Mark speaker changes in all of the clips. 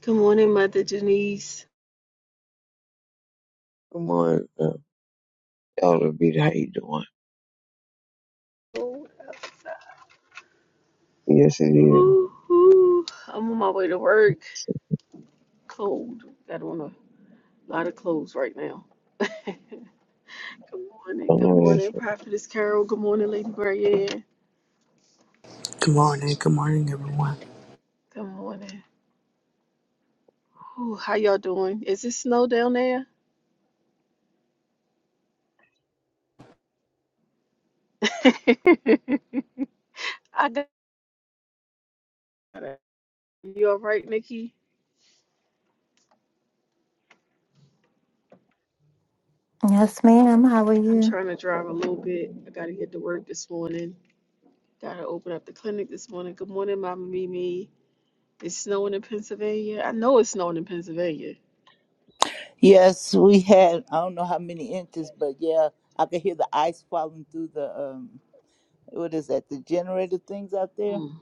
Speaker 1: Good morning, Mother Denise.
Speaker 2: Good morning, uh, Elder Beat. How you doing?
Speaker 1: Cold outside.
Speaker 2: Yes, it is.
Speaker 1: Ooh, ooh. I'm on my way to work. Cold. Got on a lot of clothes right now. good
Speaker 2: I
Speaker 1: morning. Good
Speaker 2: know that's
Speaker 1: morning, Prophetess Carol. Good morning, Lady Brian.
Speaker 3: Good morning. Good morning, everyone.
Speaker 1: Good morning. Ooh, how y'all doing? Is it snow down there? I got it. You all right, Nikki?
Speaker 4: Yes, ma'am. How are
Speaker 1: I'm
Speaker 4: you?
Speaker 1: trying to drive a little bit. I got to get to work this morning. Got to open up the clinic this morning. Good morning, Mama Mimi. It's snowing in Pennsylvania. I know it's snowing in Pennsylvania.
Speaker 5: Yes, we had I don't know how many inches, but yeah, I could hear the ice falling through the um what is that, the generator things out there?
Speaker 1: Mm.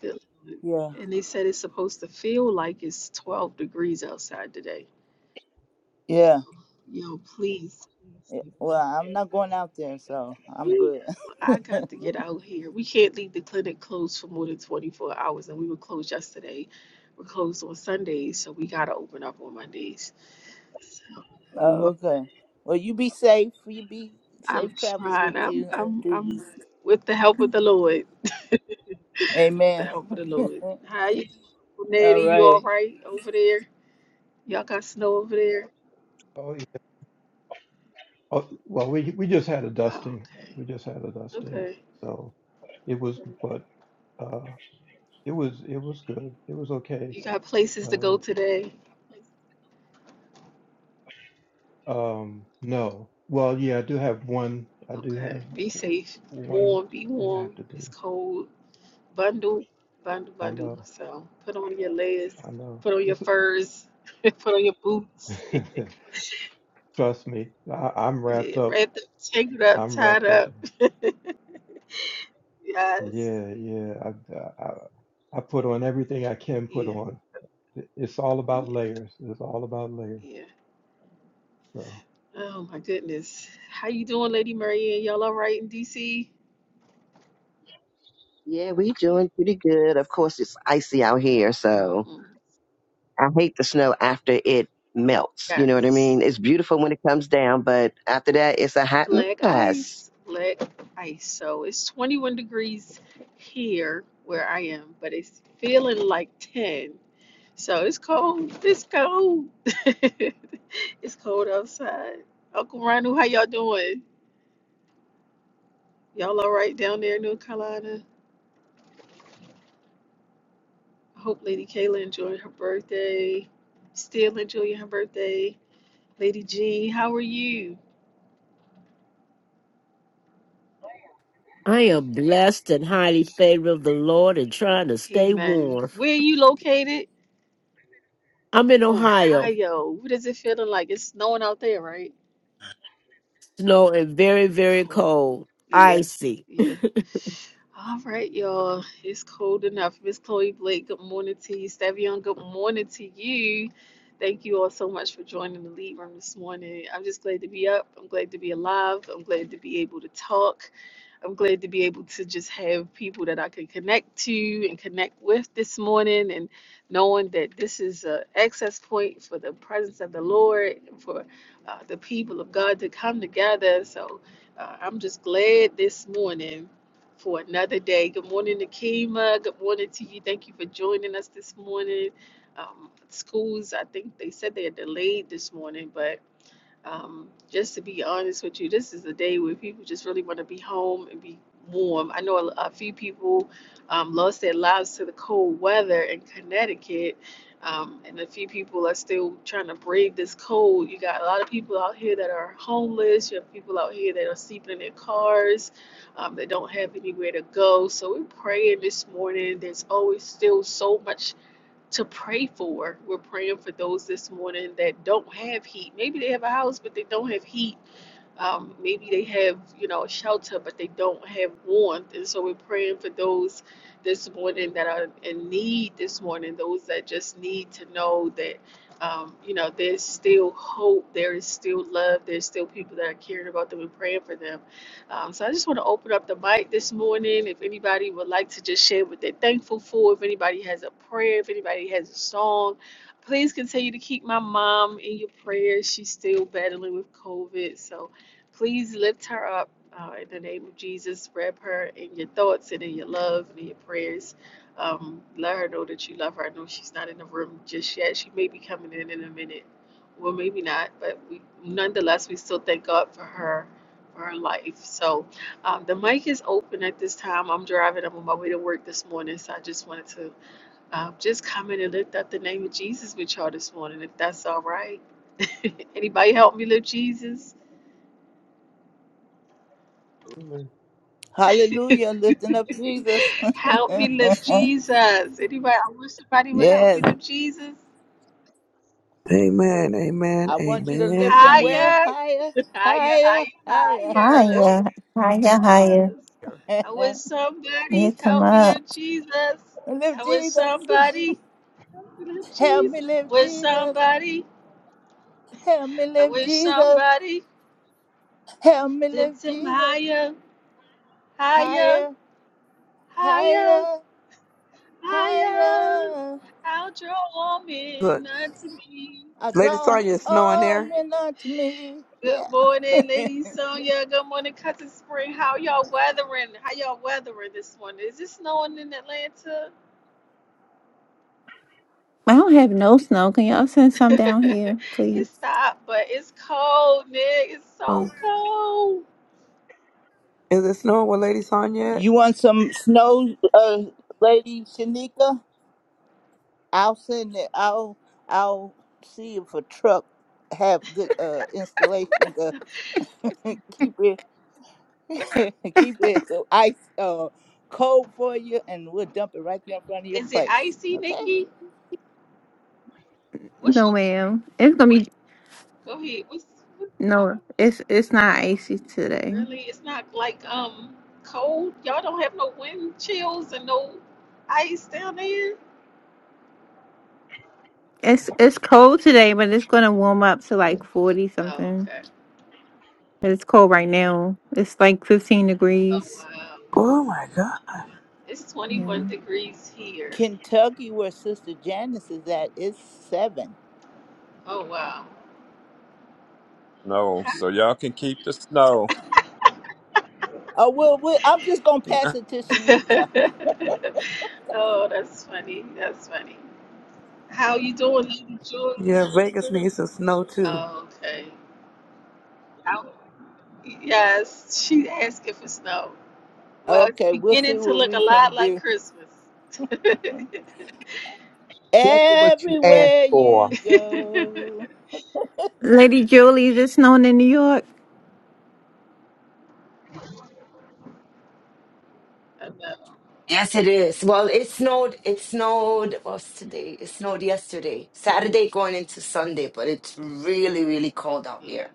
Speaker 1: Good Lord.
Speaker 5: Yeah.
Speaker 1: And they said it's supposed to feel like it's 12 degrees outside today.
Speaker 5: Yeah.
Speaker 1: Yo, please.
Speaker 5: Yeah. Well, I'm not going out there, so I'm
Speaker 1: Whew,
Speaker 5: good.
Speaker 1: I got to get
Speaker 5: oh,
Speaker 1: out here. We can't leave the clinic closed for more than 24 hours, and we were closed yesterday. We're closed on Sundays, so we gotta open up on Mondays. So I'm on my,
Speaker 5: okay. Well you be safe. You be
Speaker 1: I'm
Speaker 5: safe travels with
Speaker 1: trying.
Speaker 5: you
Speaker 1: I'm,
Speaker 5: and
Speaker 1: I'm,
Speaker 5: through
Speaker 1: I'm
Speaker 5: you.
Speaker 1: with the help of the Lord.
Speaker 5: Amen.
Speaker 1: Down for the Lord. Hi, you Natty?
Speaker 5: All
Speaker 1: You all
Speaker 5: right.
Speaker 1: right over there? Y'all got snow over there?
Speaker 6: Oh, yeah. Oh, well, we we just had a
Speaker 1: Oh,
Speaker 6: dusting.
Speaker 1: okay.
Speaker 6: We just had a dusting.
Speaker 1: Okay.
Speaker 6: So it was, but uh, it was it was good. It was okay.
Speaker 1: You got places to
Speaker 6: Uh,
Speaker 1: go today?
Speaker 6: um, no. Well, yeah, I do have one. I do
Speaker 1: Okay.
Speaker 6: have
Speaker 1: Be safe.
Speaker 6: one
Speaker 1: Warm. Be
Speaker 6: thing I
Speaker 1: warm.
Speaker 6: have to do.
Speaker 1: It's cold. Bundle. Bundle.
Speaker 6: I
Speaker 1: Bundle.
Speaker 6: know.
Speaker 1: So put on your layers.
Speaker 6: I know.
Speaker 1: Put on your
Speaker 6: This,
Speaker 1: furs. put on your boots.
Speaker 6: trust me. I, I'm
Speaker 1: yeah.
Speaker 6: wrapped up.
Speaker 1: Wrapped up. Tangled up.
Speaker 6: I'm
Speaker 1: Tied
Speaker 6: wrapped up.
Speaker 1: up. yes.
Speaker 6: Yeah, yeah. I, I I put on everything I can put
Speaker 1: Yeah.
Speaker 6: on. It's all about
Speaker 1: Yeah.
Speaker 6: layers. It's all about layers.
Speaker 1: yeah.
Speaker 6: so.
Speaker 1: Oh my goodness. How you doing, Lady Maria? Y'all all right in DC?
Speaker 7: Yeah, we doing pretty good. Of course, it's icy out here, so
Speaker 1: Mm-hmm.
Speaker 7: I hate the snow after it melts. You know what I
Speaker 1: Yes.
Speaker 7: mean? It's beautiful when it comes down, but after that, it's a hot
Speaker 1: Black
Speaker 7: mess.
Speaker 1: ice, black ice. So it's 21 degrees here where I am, but it's feeling like 10. So it's cold. It's cold. it's cold outside. Uncle Ronald, how y'all doing? Y'all all right down there in North Carolina? I hope Lady Kayla enjoyed her birthday. Still enjoying her birthday. Lady G, how are you?
Speaker 8: I am blessed and highly favored of the Lord and trying to stay
Speaker 1: Amen.
Speaker 8: warm.
Speaker 1: Where are you located?
Speaker 8: I'm in Ohio,
Speaker 1: Ohio. What is it feeling like? It's snowing out there, right?
Speaker 8: snow and very, very
Speaker 1: Cold.
Speaker 8: cold,
Speaker 1: Yeah,
Speaker 8: icy.
Speaker 1: yeah. All right, y'all. It's cold enough. Miss Chloe Blake, good morning to you. Stavion, good morning to you. Thank you all so much for joining the lead room this morning. I'm just glad to be up. I'm glad to be alive. I'm glad to be able to talk. I'm glad to be able to just have people that I can connect to and connect with this morning, and knowing that this is an access point for the presence of the Lord, and for uh, the people of God to come together. So uh, I'm just glad this morning for another day. Good morning, Nakima. Good morning to you. Thank you for joining us this morning. Um, schools, I think they said they are delayed this morning, but um, just to be honest with you, this is a day where people just really want to be home and be warm. I know a, a few people um, lost their lives to the cold weather in Connecticut, um, and a few people are still trying to brave this cold. You got a lot of people out here that are homeless. You have people out here that are sleeping in their cars. Um, they don't have anywhere to go. So we're praying this morning. There's always still so much to pray for. We're praying for those this morning that don't have heat. Maybe they have a house, but they don't have heat um, maybe they have, you know, shelter, but they don't have warmth. And so we're praying for those this morning that are in need this morning, those that just need to know that, um, you know, there's still hope, there is still love, there's still people that are caring about them and praying for them. Um, so I just want to open up the mic this morning. If anybody would like to just share what they're thankful for, if anybody has a prayer, if anybody has a song, please continue to keep my mom in your prayers. She's still battling with COVID. So Please lift her up uh, in the name of Jesus. Wrap her in your thoughts and in your love and in your prayers. Um, let her know that you love her. I know she's not in the room just yet. She may be coming in in a minute. Well, maybe not, but we, nonetheless, we still thank God for her, for her life. So um, the mic is open at this time. I'm driving. I'm on my way to work this morning, so I just wanted to uh, just come in and lift up the name of Jesus with y'all this morning, if that's all right. Anybody help me lift Jesus?
Speaker 6: Absolutely.
Speaker 5: Hallelujah. Lifting up Jesus.
Speaker 1: Help me lift Jesus. Anybody? I wish somebody would help
Speaker 5: yes.
Speaker 1: me lift Jesus.
Speaker 3: Amen. Amen.
Speaker 5: I want you to
Speaker 3: Amen.
Speaker 5: lift him where?
Speaker 3: Amen.
Speaker 1: Higher,
Speaker 5: Higher,
Speaker 1: higher,
Speaker 5: higher,
Speaker 1: higher,
Speaker 5: higher.
Speaker 1: higher.
Speaker 4: Hiya. Hiya, hiya.
Speaker 1: Yes.
Speaker 5: live
Speaker 1: I wish somebody
Speaker 4: Lift him
Speaker 1: help me
Speaker 4: up.
Speaker 1: lift Jesus. I wish
Speaker 5: Jesus.
Speaker 1: somebody help me lift
Speaker 5: Help
Speaker 1: Jesus.
Speaker 5: me live
Speaker 1: Wish
Speaker 5: Jesus.
Speaker 1: somebody.
Speaker 5: Help me
Speaker 1: I
Speaker 5: live
Speaker 1: wish
Speaker 5: Jesus.
Speaker 1: somebody
Speaker 5: Help me live
Speaker 1: lift him
Speaker 5: Jesus.
Speaker 1: higher, higher,
Speaker 5: Higher,
Speaker 1: higher,
Speaker 5: higher,
Speaker 1: higher.
Speaker 5: higher.
Speaker 1: I'll draw all
Speaker 3: Look,
Speaker 1: men unto me.
Speaker 5: I
Speaker 3: Lady
Speaker 5: draw
Speaker 3: Sonya, it's snowing
Speaker 5: all
Speaker 3: there.
Speaker 5: men unto me. Yeah.
Speaker 1: Good morning, Lady Sonia. Good morning, Cousin Spring. How y'all weathering? How y'all weathering this morning? Is it snowing in Atlanta?
Speaker 4: I don't have no snow. Can y'all send some down here,
Speaker 1: it
Speaker 4: please?
Speaker 1: stopped, but it's cold, Nick. It's so
Speaker 3: Uh,
Speaker 1: cold.
Speaker 3: Is it snowing with Lady Sonya? yet?
Speaker 5: You want some snow, uh, Lady Shanika? I'll send it. I'll I'll see if a truck have good uh installation to keep it Keep it so ice uh, cold for you, and we'll dump it right there in front of your
Speaker 1: Is it
Speaker 5: place.
Speaker 1: icy,
Speaker 5: Okay.
Speaker 1: Nikki? What's
Speaker 4: No,
Speaker 1: your
Speaker 4: ma'am. It's gonna be
Speaker 1: go ahead? What's what's
Speaker 4: no.
Speaker 1: the-
Speaker 4: It's it's not icy today.
Speaker 1: really? It's not like um cold. Y'all don't have no wind chills and no ice down there.
Speaker 4: It's it's cold today, but it's gonna warm up to like forty
Speaker 1: Oh,
Speaker 4: something.
Speaker 1: okay.
Speaker 4: But It's cold right now. It's like fifteen
Speaker 1: Oh
Speaker 4: degrees.
Speaker 1: wow.
Speaker 3: Oh my God.
Speaker 1: It's
Speaker 4: Yeah.
Speaker 1: 21 degrees here.
Speaker 5: Kentucky, where Sister Janice is at, is seven.
Speaker 1: Oh, wow.
Speaker 9: No,
Speaker 1: Hi.
Speaker 9: so y'all can keep the snow.
Speaker 5: Oh well, we, I'm just gonna pass it to Shanika.
Speaker 1: oh, that's funny. That's funny. How you doing, Lady Julie?
Speaker 3: Yeah, Vegas needs some snow too.
Speaker 1: Oh, okay. Out. Yes, she asking for snow. Well, it's
Speaker 5: Okay, we'll
Speaker 1: beginning
Speaker 5: see
Speaker 1: to
Speaker 5: what
Speaker 1: look a
Speaker 5: we
Speaker 1: lot
Speaker 5: can
Speaker 1: like
Speaker 5: do.
Speaker 1: Christmas. I
Speaker 2: Careful what you ask
Speaker 5: Everywhere
Speaker 2: for.
Speaker 5: you go.
Speaker 4: Lady Julie, is it snowing in New York?
Speaker 1: know.
Speaker 10: Yes, it is. Well, it snowed. It snowed. What's today? It snowed yesterday, Saturday going into Sunday, but it's really, really cold out
Speaker 1: Yeah.
Speaker 10: here.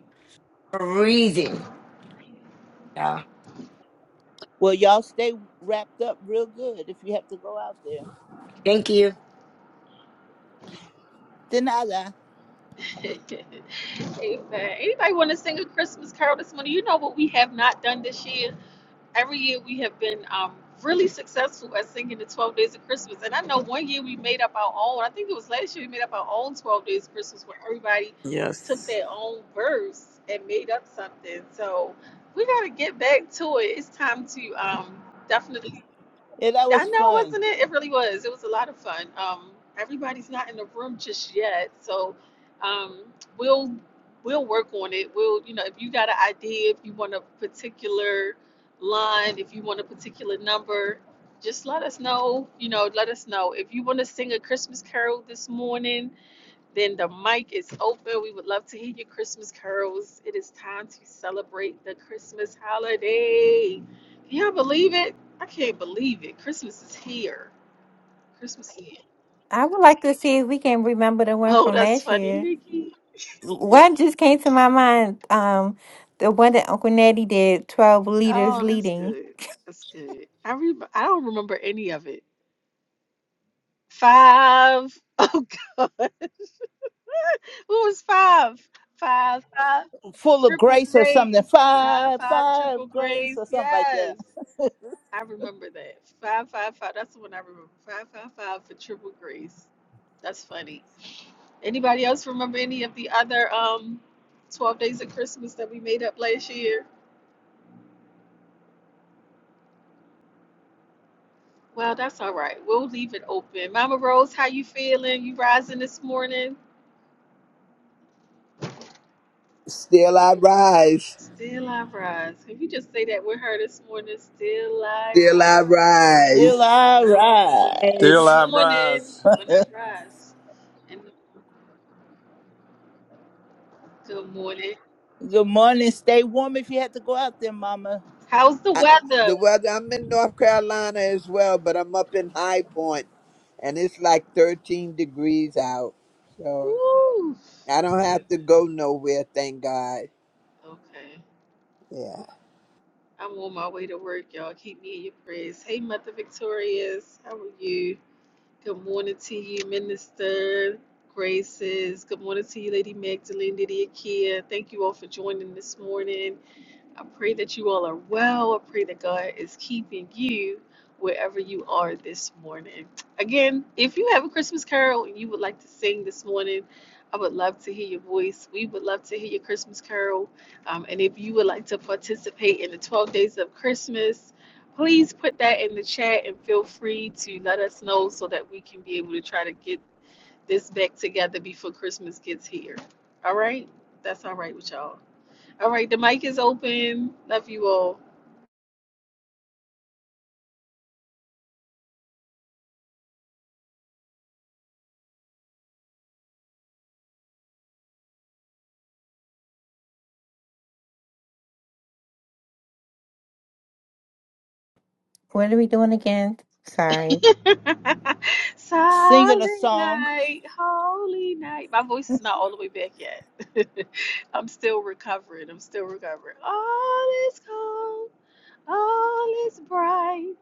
Speaker 10: Freezing. Yeah.
Speaker 5: Well, y'all stay wrapped up real good if you have to go out there.
Speaker 10: Thank you.
Speaker 5: Denada.
Speaker 1: Amen. Anybody want to sing a Christmas carol this morning? You know what we have not done this year? every year we have been um, really successful at singing the 12 days of christmas and i know one year we made up our own i think it was last year we made up our own 12 days of christmas where everybody took
Speaker 3: Yes.
Speaker 1: their own verse and made up something so we got to get back to it it's time to um, definitely
Speaker 5: Yeah, that
Speaker 1: I
Speaker 5: was
Speaker 1: know,
Speaker 5: fun.
Speaker 1: wasn't it? It really was. It was a lot of fun. Um, everybody's not in the room just yet, so um, we'll we'll work on it. We'll, you know, if you got an idea, if you want a particular line, if you want a particular number, just let us know. You know, let us know if you want to sing a Christmas carol this morning. Then the mic is open. We would love to hear your Christmas carols. It is time to celebrate the Christmas holiday. Can y'all believe it? I can't believe it. Christmas is here. Christmas is here.
Speaker 4: I would like to see if we can remember the one
Speaker 1: Oh,
Speaker 4: from
Speaker 1: that's
Speaker 4: last
Speaker 1: funny,
Speaker 4: year.
Speaker 1: Nikki.
Speaker 4: One just came to my mind. Um, the one that Uncle Nettie did, 12 Leaders
Speaker 1: Oh, that's
Speaker 4: Leading.
Speaker 1: good. That's good. I re- I don't remember any of it. Five. Oh God. Who was five? Five, five,
Speaker 5: Full of
Speaker 1: triple
Speaker 5: grace or something.
Speaker 1: grays. Five,
Speaker 5: Five,
Speaker 1: five,
Speaker 5: five
Speaker 1: triple
Speaker 5: grace
Speaker 1: grays.
Speaker 5: or something like that.
Speaker 1: Yes. I remember that. 555. That's the one I remember. 555 for Triple Grace. That's funny. Anybody else remember any of the other um 12 Days of Christmas that we made up last year? Well, that's all right. We'll leave it open. Mama Rose, how you feeling? You rising this morning?
Speaker 11: Still I rise.
Speaker 1: Still I rise. If you just say that with her this morning, still I
Speaker 11: Still
Speaker 1: rise.
Speaker 11: I
Speaker 5: Still
Speaker 11: rise.
Speaker 5: all
Speaker 1: Still I
Speaker 5: right.
Speaker 1: rise. In
Speaker 9: Still
Speaker 1: the
Speaker 10: Guys.
Speaker 9: I
Speaker 1: morning
Speaker 9: rise.
Speaker 1: when I rise. In the, good morning.
Speaker 5: Good morning. Stay warm if you have to go out there, Mama.
Speaker 1: How's the
Speaker 11: I,
Speaker 1: weather?
Speaker 11: the weather, I'm in North Carolina as well, but I'm up in High Point and it's like 13 degrees out. So
Speaker 1: Woo.
Speaker 11: I don't
Speaker 1: Good.
Speaker 11: have to go nowhere, thank God.
Speaker 1: Okay.
Speaker 11: Yeah.
Speaker 1: I'm on my way to work, y'all. Keep me in your prayers. Hey, Mother Victorious. How are you? Good morning to you, Minister Graces. Good morning to you, Lady Magdalene, Lydia Kia. Thank you all for joining this morning. I pray that you all are well. I pray that God is keeping you wherever you are this morning. Again, if you have a Christmas carol and you would like to sing this morning, I would love to hear your voice. We would love to hear your Christmas carol. Um, and if you would like to participate in the 12 days of Christmas, please put that in the chat and feel free to let us know so that we can be able to try to get this back together before Christmas gets here. All right? That's all right with y'all. All right, the mic is open. Love you all.
Speaker 4: What are we doing again? Sorry.
Speaker 5: Singing a
Speaker 1: Silent
Speaker 5: song.
Speaker 1: night, holy night. My voice is not all the way back yet. I'm still recovering. I'm still recovering. All is calm, all is bright.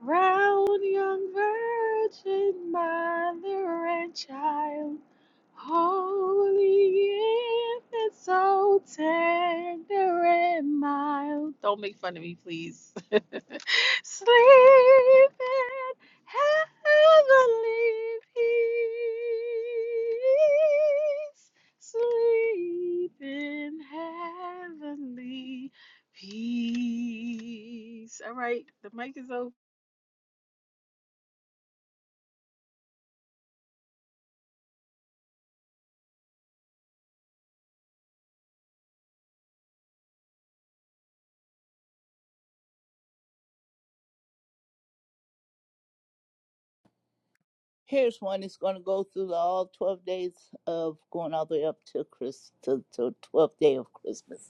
Speaker 1: Round young virgin, mother and child. Holy infant, so tender and mild. Don't make fun of me, please. Sleep in heavenly peace. Sleep in heavenly peace. All right, the mic is open.
Speaker 5: Here's one. It's going to go through the, all 12 days of going all the way up to Christ, to, to 12th day of Christmas.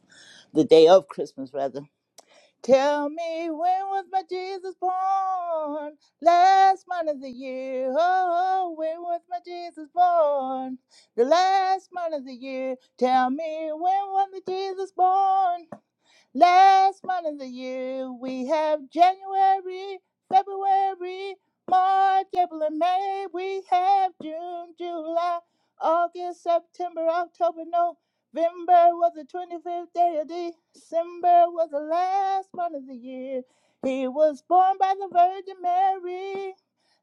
Speaker 5: The day of Christmas, rather. Tell me when was my Jesus born? Last month of the year. Oh, when was my Jesus born? The last month of the year. Tell me when was my Jesus born? Last month of the year, we have January, February, March, April, and May. We have June, July, August, September, October, November was the 25th day of December, was the last month of the year. He was born by the Virgin Mary.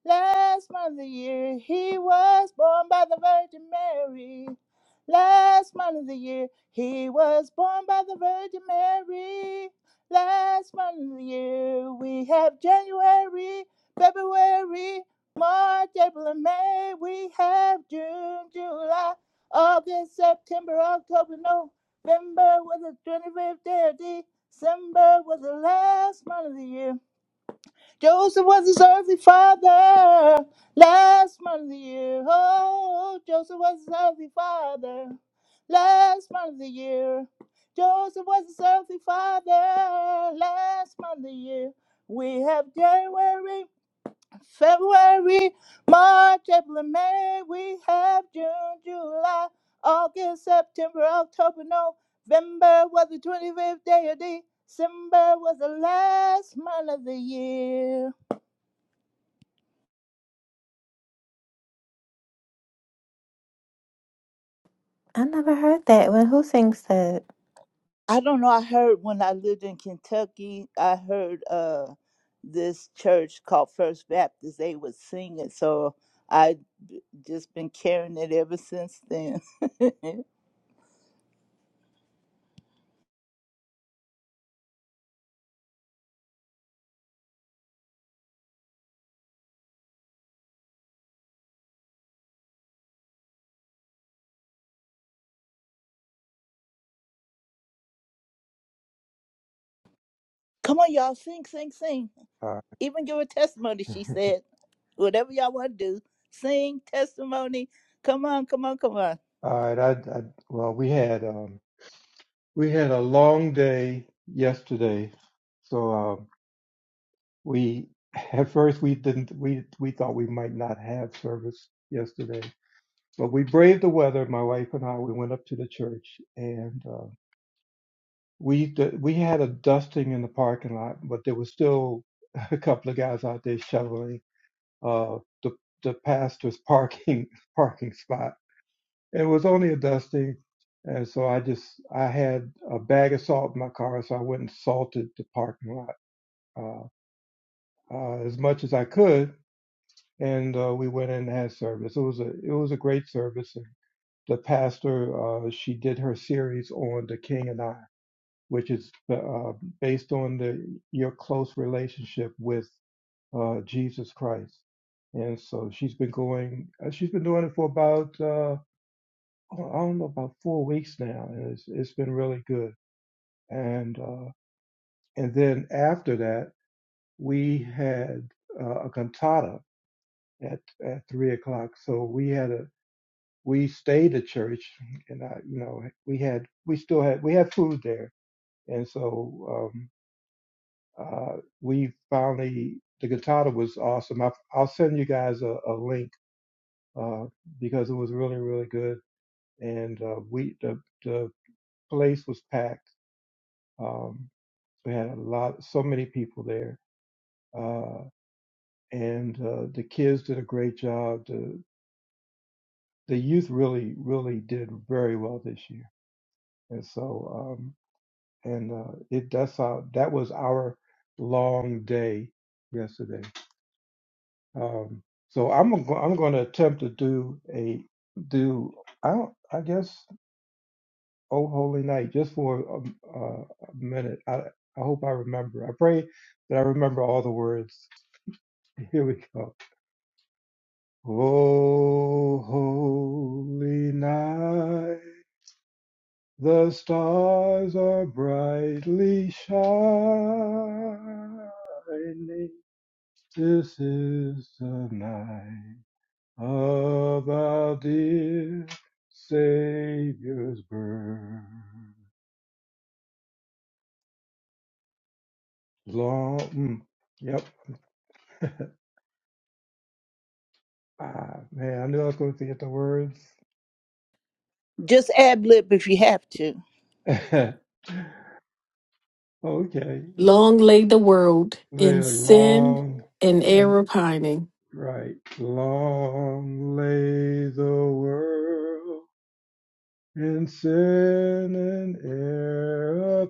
Speaker 5: Last month of the year, he was born by the Virgin Mary. Last month of the year, he was born by the Virgin Mary. Last month of the year, we have January, February, March, April, and May. We have June, July, August, September, October, November was the 25th day of December was the last month of the year. Joseph was his earthly father. Last month of the year. Oh, Joseph was his earthly father. Last month of the year. Joseph was his earthly father. Last month of the year. We have January, February, March, April, and May. We have June, July, August, September, October, November was the 25th day of December was the last month of the year.
Speaker 4: I never heard that one. Who sings that?
Speaker 5: I don't know. I heard when I lived in Kentucky, I heard uh this church called First Baptist. They would sing it, so I b- just been carrying it ever since then. Come on, y'all, sing, sing, sing.
Speaker 6: All
Speaker 5: Even give a testimony.
Speaker 6: right.
Speaker 5: She said, whatever y'all want to do, sing testimony. Come on, come on, come on.
Speaker 6: All right. I, I, well, we had um, we had a long day yesterday, so um, we at first we didn't we we thought we might not have service yesterday, but we braved the weather. My wife and I we went up to the church and uh, we d- we had a dusting in the parking lot, but there was still a couple of guys out there shoveling uh, the the pastor's parking parking spot It was only a dusting, and so I just I had a bag of salt in my car, so I went and salted the parking lot uh, uh, as much as I could, and uh, we went in and had service. It was a it was a great service. And the pastor uh, she did her series on the King and I, which is uh, based on the your close relationship with uh, Jesus Christ, and so she's been going. uh, She's been doing it for about. uh, I don't know about four weeks now, and it's it's been really good. And uh, and then after that, we had uh, a cantata at at three o'clock. So we had a we stayed at church, and I you know we had we still had we had food there, and so um, uh, we finally the cantata was awesome. I, I'll send you guys a, a link uh, because it was really really good, and uh, we the the place was packed. Um, We had a lot, so many people there, uh, and uh, the kids did a great job. The the youth really, really did very well this year, and so um, and uh, it that's how that was our long day yesterday. Um, so I'm go- I'm going to attempt to do a do I don't, I guess Oh Holy Night just for a, a, a minute. I I hope I remember. I pray that I remember all the words. Here we go. O holy night, the stars are brightly shining. This is the night of our dear Savior's birth. Long, mm, yep. Ah, man, I knew I was going to get the words.
Speaker 5: Just ad lib if you have to.
Speaker 6: okay.
Speaker 1: Long lay the world in
Speaker 6: Live
Speaker 1: sin
Speaker 6: long.
Speaker 1: and
Speaker 6: and.
Speaker 1: error pining,
Speaker 6: Right. Long lay the world in sin and error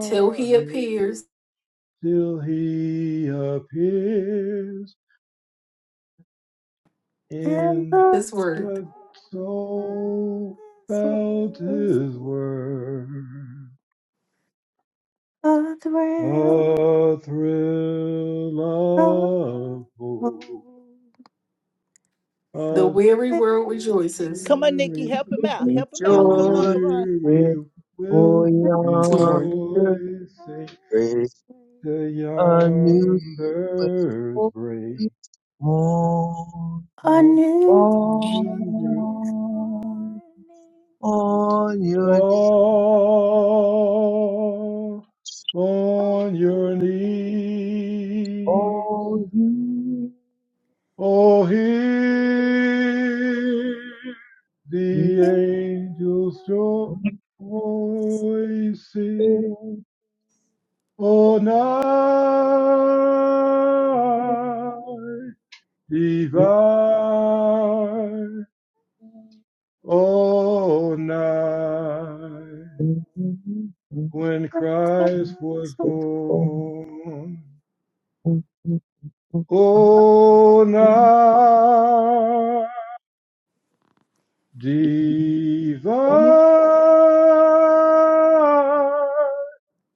Speaker 1: till he appears
Speaker 6: till he appears
Speaker 4: And
Speaker 6: in
Speaker 4: the
Speaker 1: his
Speaker 4: sound
Speaker 1: word.
Speaker 6: the soul felt his word.
Speaker 4: of the realm
Speaker 6: A thrill
Speaker 4: of
Speaker 6: of hope,
Speaker 4: hope,
Speaker 1: The
Speaker 4: the
Speaker 6: a
Speaker 1: weary world
Speaker 4: wind
Speaker 1: rejoices,
Speaker 5: Come on, Nikki,
Speaker 6: teary
Speaker 5: help him out.
Speaker 2: right.
Speaker 5: Help him
Speaker 6: The
Speaker 5: out. Come on,
Speaker 2: Rejoice
Speaker 5: come on.
Speaker 2: before
Speaker 6: weary will
Speaker 1: mourns.
Speaker 2: yonder
Speaker 6: rejoice, say,
Speaker 2: grace
Speaker 6: the
Speaker 2: a new
Speaker 6: yonders
Speaker 2: blessing
Speaker 6: break
Speaker 2: on,
Speaker 4: A
Speaker 6: of
Speaker 4: new day is
Speaker 6: new
Speaker 4: morning.
Speaker 2: on, on your knees,
Speaker 6: fall
Speaker 4: I
Speaker 6: on your
Speaker 4: am new.
Speaker 6: knees,
Speaker 2: all ye
Speaker 6: Oh, hear
Speaker 4: It is
Speaker 6: the
Speaker 4: a
Speaker 6: angels' joy
Speaker 4: voice
Speaker 6: voices. O night divine, O
Speaker 4: of
Speaker 6: night
Speaker 4: life.
Speaker 6: when
Speaker 4: With
Speaker 6: Christ was
Speaker 4: voice of
Speaker 2: faithful.
Speaker 6: born,
Speaker 2: Amen. Amen.
Speaker 6: O night divine,
Speaker 2: Amen.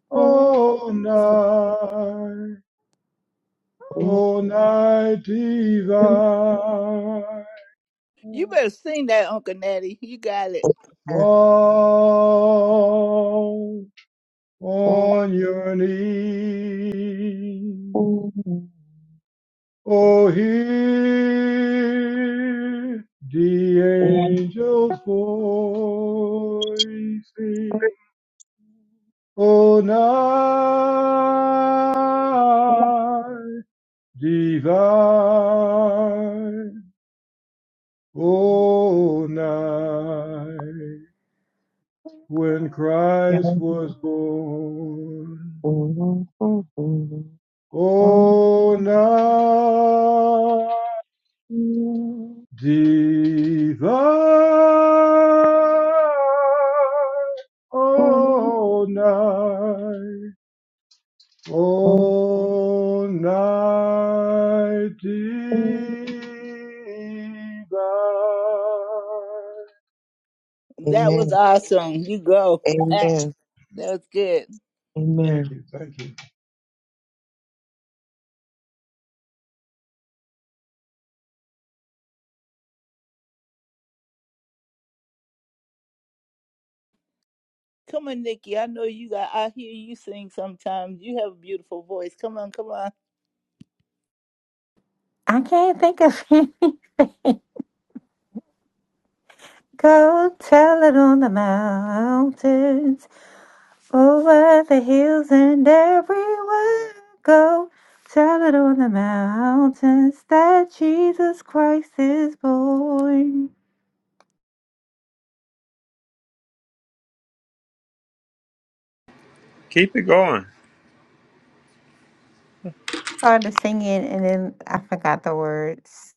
Speaker 6: O
Speaker 4: God.
Speaker 6: night, O night divine.
Speaker 5: You better sing that, Uncle Natty. You got it.
Speaker 6: Fall on your knees. Oh, hear the angel's voices. Oh, night divine. Oh, night when Christ was born. Oh, now divine, oh, night, oh, night divine.
Speaker 5: That was awesome. You go. that was good.
Speaker 6: Thank you, thank you.
Speaker 5: Come on, Nikki. I know you got. I hear you sing sometimes. You have a beautiful voice. Come on, come on.
Speaker 4: I can't think of any. Go tell it on the mountain. Over the hills and everywhere I go, tell it on the mountains that Jesus Christ is born.
Speaker 9: Keep it going.
Speaker 4: Started singing and then I forgot the words.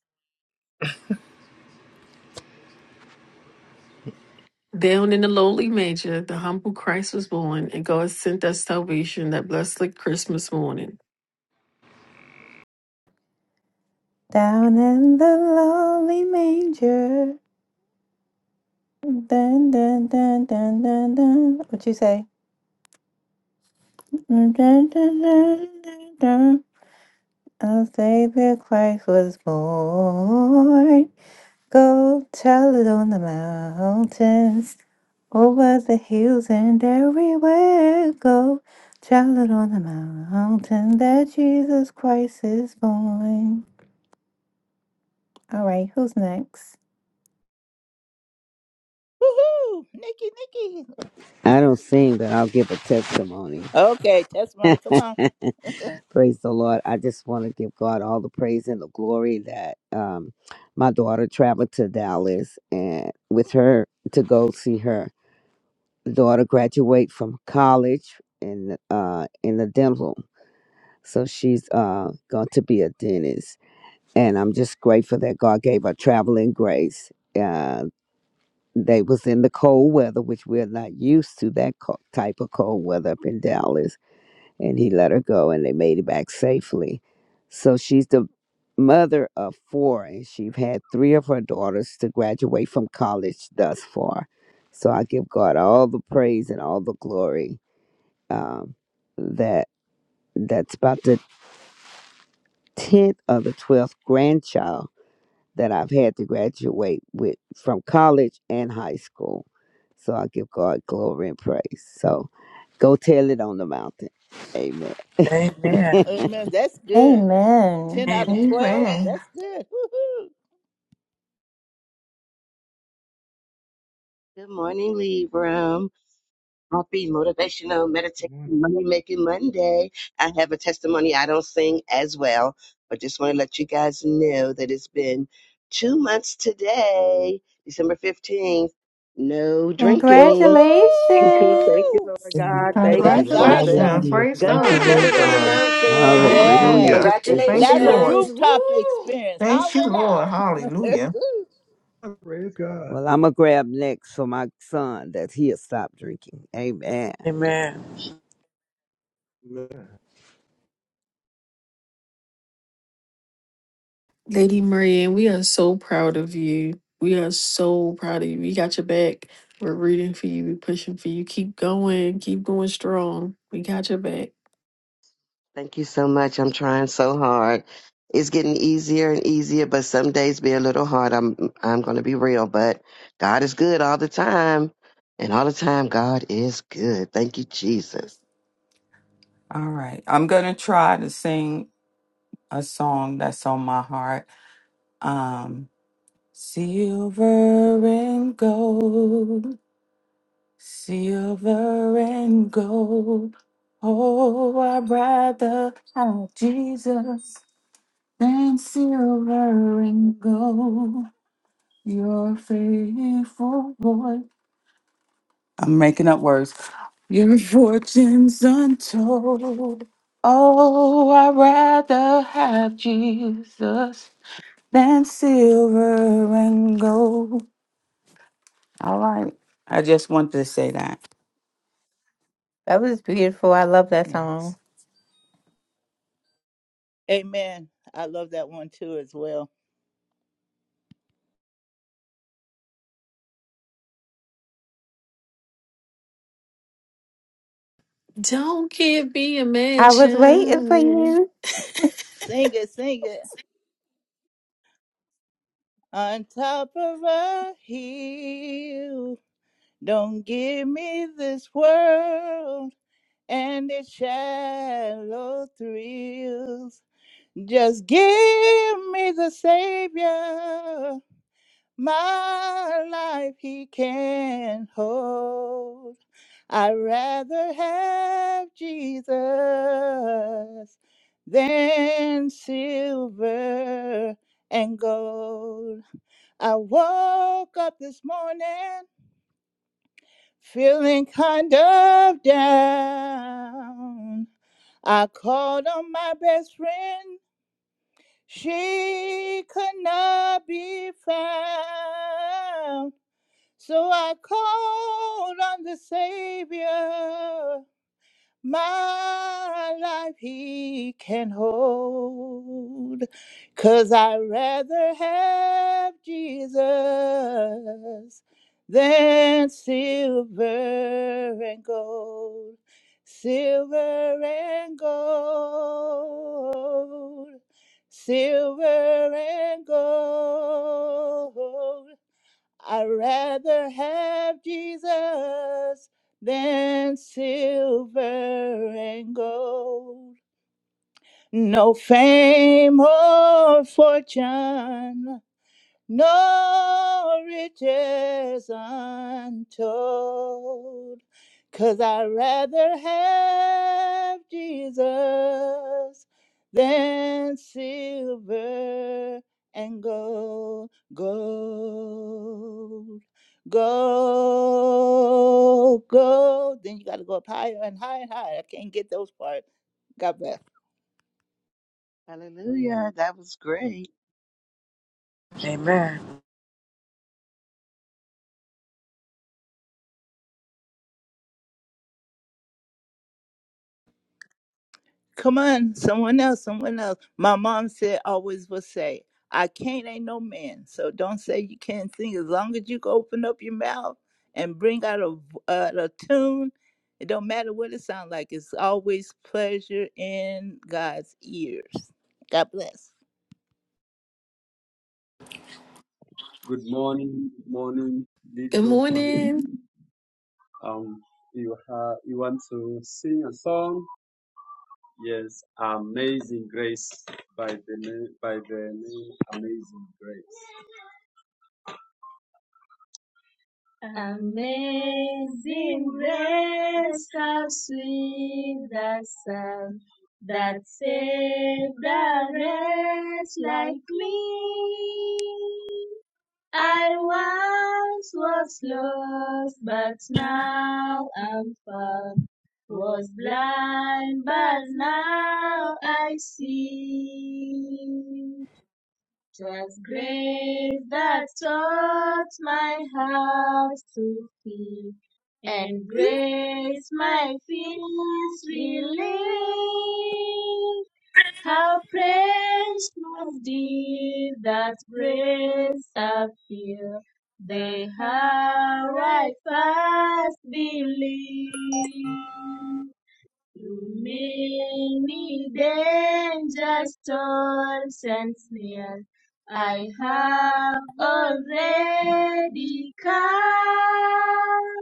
Speaker 1: Down in the lowly manger, the humble Christ was born, and God sent us salvation that blessed like Christmas morning.
Speaker 4: Down in the lonely manger. Dun dun dun dun dun dun. What you say? Dun dun dun dun dun. dun. Our Savior Christ was born. Go tell it on the mountains. Over the hills and everywhere go, child on the mountain that Jesus Christ is born. All right, who's next?
Speaker 5: Woohoo, Nikki, Nikki.
Speaker 12: I don't sing, but I'll give a testimony.
Speaker 5: Okay, testimony. Come on.
Speaker 12: praise the Lord. I just want to give God all the praise and the glory that um, my daughter traveled to Dallas and with her to go see her daughter graduate from college in uh, in the dental. So she's uh, going to be a dentist, and I'm just grateful that God gave her traveling grace. Uh, they was in the cold weather, which we're not used to that co- type of cold weather up in Dallas and he let her go and they made it back safely so she's the mother of four and she's had three of her daughters to graduate from college thus far so i give god all the praise and all the glory um, that that's about the 10th or the 12th grandchild that i've had to graduate with from college and high school so i give god glory and praise so go tell it on the mountain amen
Speaker 3: Amen.
Speaker 5: Uh, Man, that's good.
Speaker 4: Amen.
Speaker 5: Ten out of
Speaker 3: Amen.
Speaker 5: twelve.
Speaker 13: Amen.
Speaker 5: That's good. Woohoo,
Speaker 7: Good morning, Libram. Happy motivational
Speaker 6: Good
Speaker 7: meditation
Speaker 6: morning.
Speaker 7: money making Monday. I have a testimony I don't sing as well, but just want to let you guys know that it's been two months today, December 15th. No drinking.
Speaker 4: Congratulations.
Speaker 7: Thank you,
Speaker 5: woohoo.
Speaker 7: Lord
Speaker 2: Amen.
Speaker 7: God. Thank
Speaker 6: All
Speaker 5: That's
Speaker 6: right,
Speaker 7: you, Jesus.
Speaker 5: awesome.
Speaker 13: Congratulations.
Speaker 2: Hallelujah.
Speaker 13: Praise
Speaker 7: Go
Speaker 2: Thank you,
Speaker 13: God.
Speaker 7: tell
Speaker 2: Lord
Speaker 7: it on
Speaker 2: God.
Speaker 7: the
Speaker 12: hallelujah
Speaker 5: Yes,
Speaker 13: Hallelujah.
Speaker 12: Praise
Speaker 13: Thank you,
Speaker 5: that's a
Speaker 7: mountain.
Speaker 13: Lord.
Speaker 10: Congratulations.
Speaker 5: rooftop
Speaker 10: Woo!
Speaker 5: experience.
Speaker 13: Thank
Speaker 5: Holler
Speaker 13: you, Lord.
Speaker 5: it out.
Speaker 13: Hallelujah.
Speaker 6: praise God.
Speaker 12: Well, I'm going to grab next for my son that he'll stop drinking. Amen.
Speaker 3: Amen.
Speaker 6: Amen.
Speaker 1: Lady Marianne, we are so proud of you. We are so proud of you. We got your back. We're rooting for you. We're pushing for you. Keep going. Keep going strong. We got your back.
Speaker 7: Thank you so much. I'm trying so hard. It's getting easier and easier, but some days be a little hard. I'm I'm gonna be real, but God is good all the time. And all the time God is good. Thank you, Jesus.
Speaker 14: All right. I'm going to try to sing a song that's on my heart. Um, silver and gold, silver and gold. Oh, I'd rather have Jesus than silver and gold. Your faithful boy. I'm making up words. Your fortune's untold. Oh, I'd rather have Jesus than silver and gold. All right. I just wanted to say that.
Speaker 4: That was beautiful. I love that
Speaker 14: Yes.
Speaker 4: song.
Speaker 5: Amen. I love that one too as well.
Speaker 1: Don't give me a
Speaker 4: I was waiting for
Speaker 1: mansion.
Speaker 4: you.
Speaker 5: Sing it, sing it. on top of a hill. Don't give me this world and its shallow thrills. Just give me the Savior, my life He can hold. I'd rather have Jesus than silver and gold. I woke up this morning feeling kind of down. I called on my best friend, she could not be found. So I called on the Savior my life he can hold. Cause I'd rather have Jesus than silver and gold. Silver and gold. Silver and gold. I'd rather have Jesus than silver and gold. No fame or fortune, no riches untold, i I'd rather have Jesus than silver and gold, gold, gold, gold. Then you got to go up higher and higher and higher. I can't get those parts. God bless.
Speaker 7: Hallelujah. That was great.
Speaker 3: Amen.
Speaker 5: Come on, someone else, someone else. My mom said, always will say, I can't ain't no man. So don't say you can't sing. As long as you can open up your mouth and bring out a uh, a tune, it don't matter what it sounds like. It's always pleasure in God's ears. God bless.
Speaker 15: Good morning, good morning, lead
Speaker 1: Good
Speaker 15: room family.
Speaker 1: morning.
Speaker 15: Um, you ha- you want to sing a song? Yes, Amazing Grace by the name by the name Amazing Grace. Amazing Grace, how sweet the sound that saved a wretch like me. I once was lost, but now I'm found. Was blind, but now I see. 'Twas grace that taught my heart to feel, and grace my fears relieved. How praise move thee that grace appear. They have right fast believe. Through many dangers, toils, and snares, I have already come.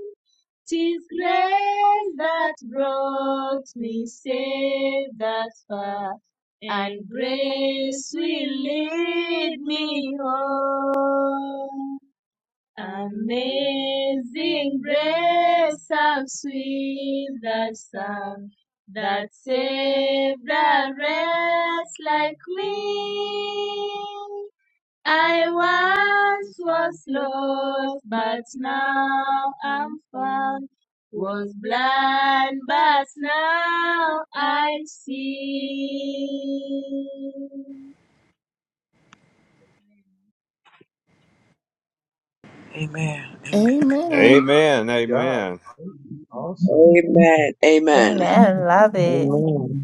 Speaker 15: Tis grace that brought me safe that far, and grace will lead me home. Amazing grace, how sweet that sound that saved a wretch like me. I once was lost, but now I'm found. Was blind, but now I see.
Speaker 3: Amen. Amen.
Speaker 6: Amen.
Speaker 13: Amen.
Speaker 9: Amen.
Speaker 6: God,
Speaker 9: Amen.
Speaker 6: awesome.
Speaker 16: Amen. Amen.
Speaker 4: Amen. Love it.
Speaker 2: Amen.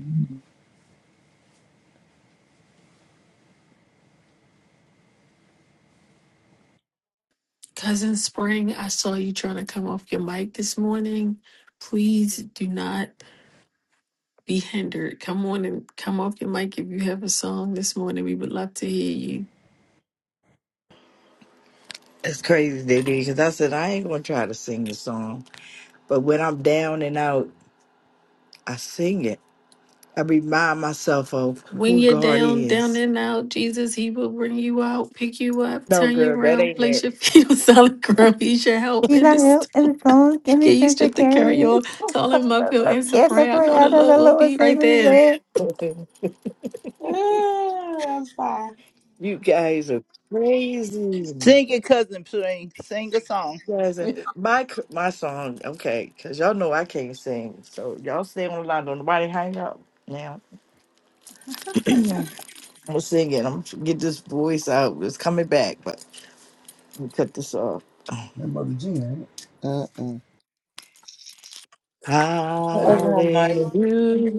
Speaker 1: Cousin Spring, I saw you trying to come off your mic this morning. Please do not. be hindered. Come on and come off your mic if you have a song this morning. We would love to hear you.
Speaker 17: It's crazy, DD, because I said I ain't gonna try to sing the song. But when I'm down and out, I sing it. I remind myself of
Speaker 1: When
Speaker 17: who
Speaker 1: you're
Speaker 17: God
Speaker 1: down, down
Speaker 17: is.
Speaker 1: and out, Jesus, He will bring you out, pick you up,
Speaker 17: No,
Speaker 1: turn
Speaker 17: girl,
Speaker 1: you
Speaker 17: that
Speaker 1: around,
Speaker 17: ain't
Speaker 1: place
Speaker 17: it.
Speaker 1: your feet on solid ground. He's your help
Speaker 4: You
Speaker 1: in
Speaker 4: got
Speaker 1: this.
Speaker 4: help in the phone. Give me
Speaker 1: Get you
Speaker 4: strength to
Speaker 1: stripped to
Speaker 4: carry
Speaker 1: carry your
Speaker 4: it.
Speaker 1: all him up. He'll answer
Speaker 4: Yes, I
Speaker 1: prayer. I
Speaker 4: pray
Speaker 1: know the
Speaker 4: out of
Speaker 1: Lord
Speaker 4: the
Speaker 1: will
Speaker 4: Lord's
Speaker 1: be right
Speaker 4: every
Speaker 1: there.
Speaker 4: day.
Speaker 18: Ah, that was fine.
Speaker 17: you guys are crazy. You
Speaker 5: Sing your cousin, sing, sing a song.
Speaker 17: guys are my c- my song, okay? Because y'all know I can't sing, so y'all stay on the line. Don't nobody hang up now. I'm singing. I'm gonna get this voice out. It's coming back, but we cut this off.
Speaker 19: That mother Jean, ain't it? Uh-uh. You Don't open her mic.
Speaker 17: Hallelujah.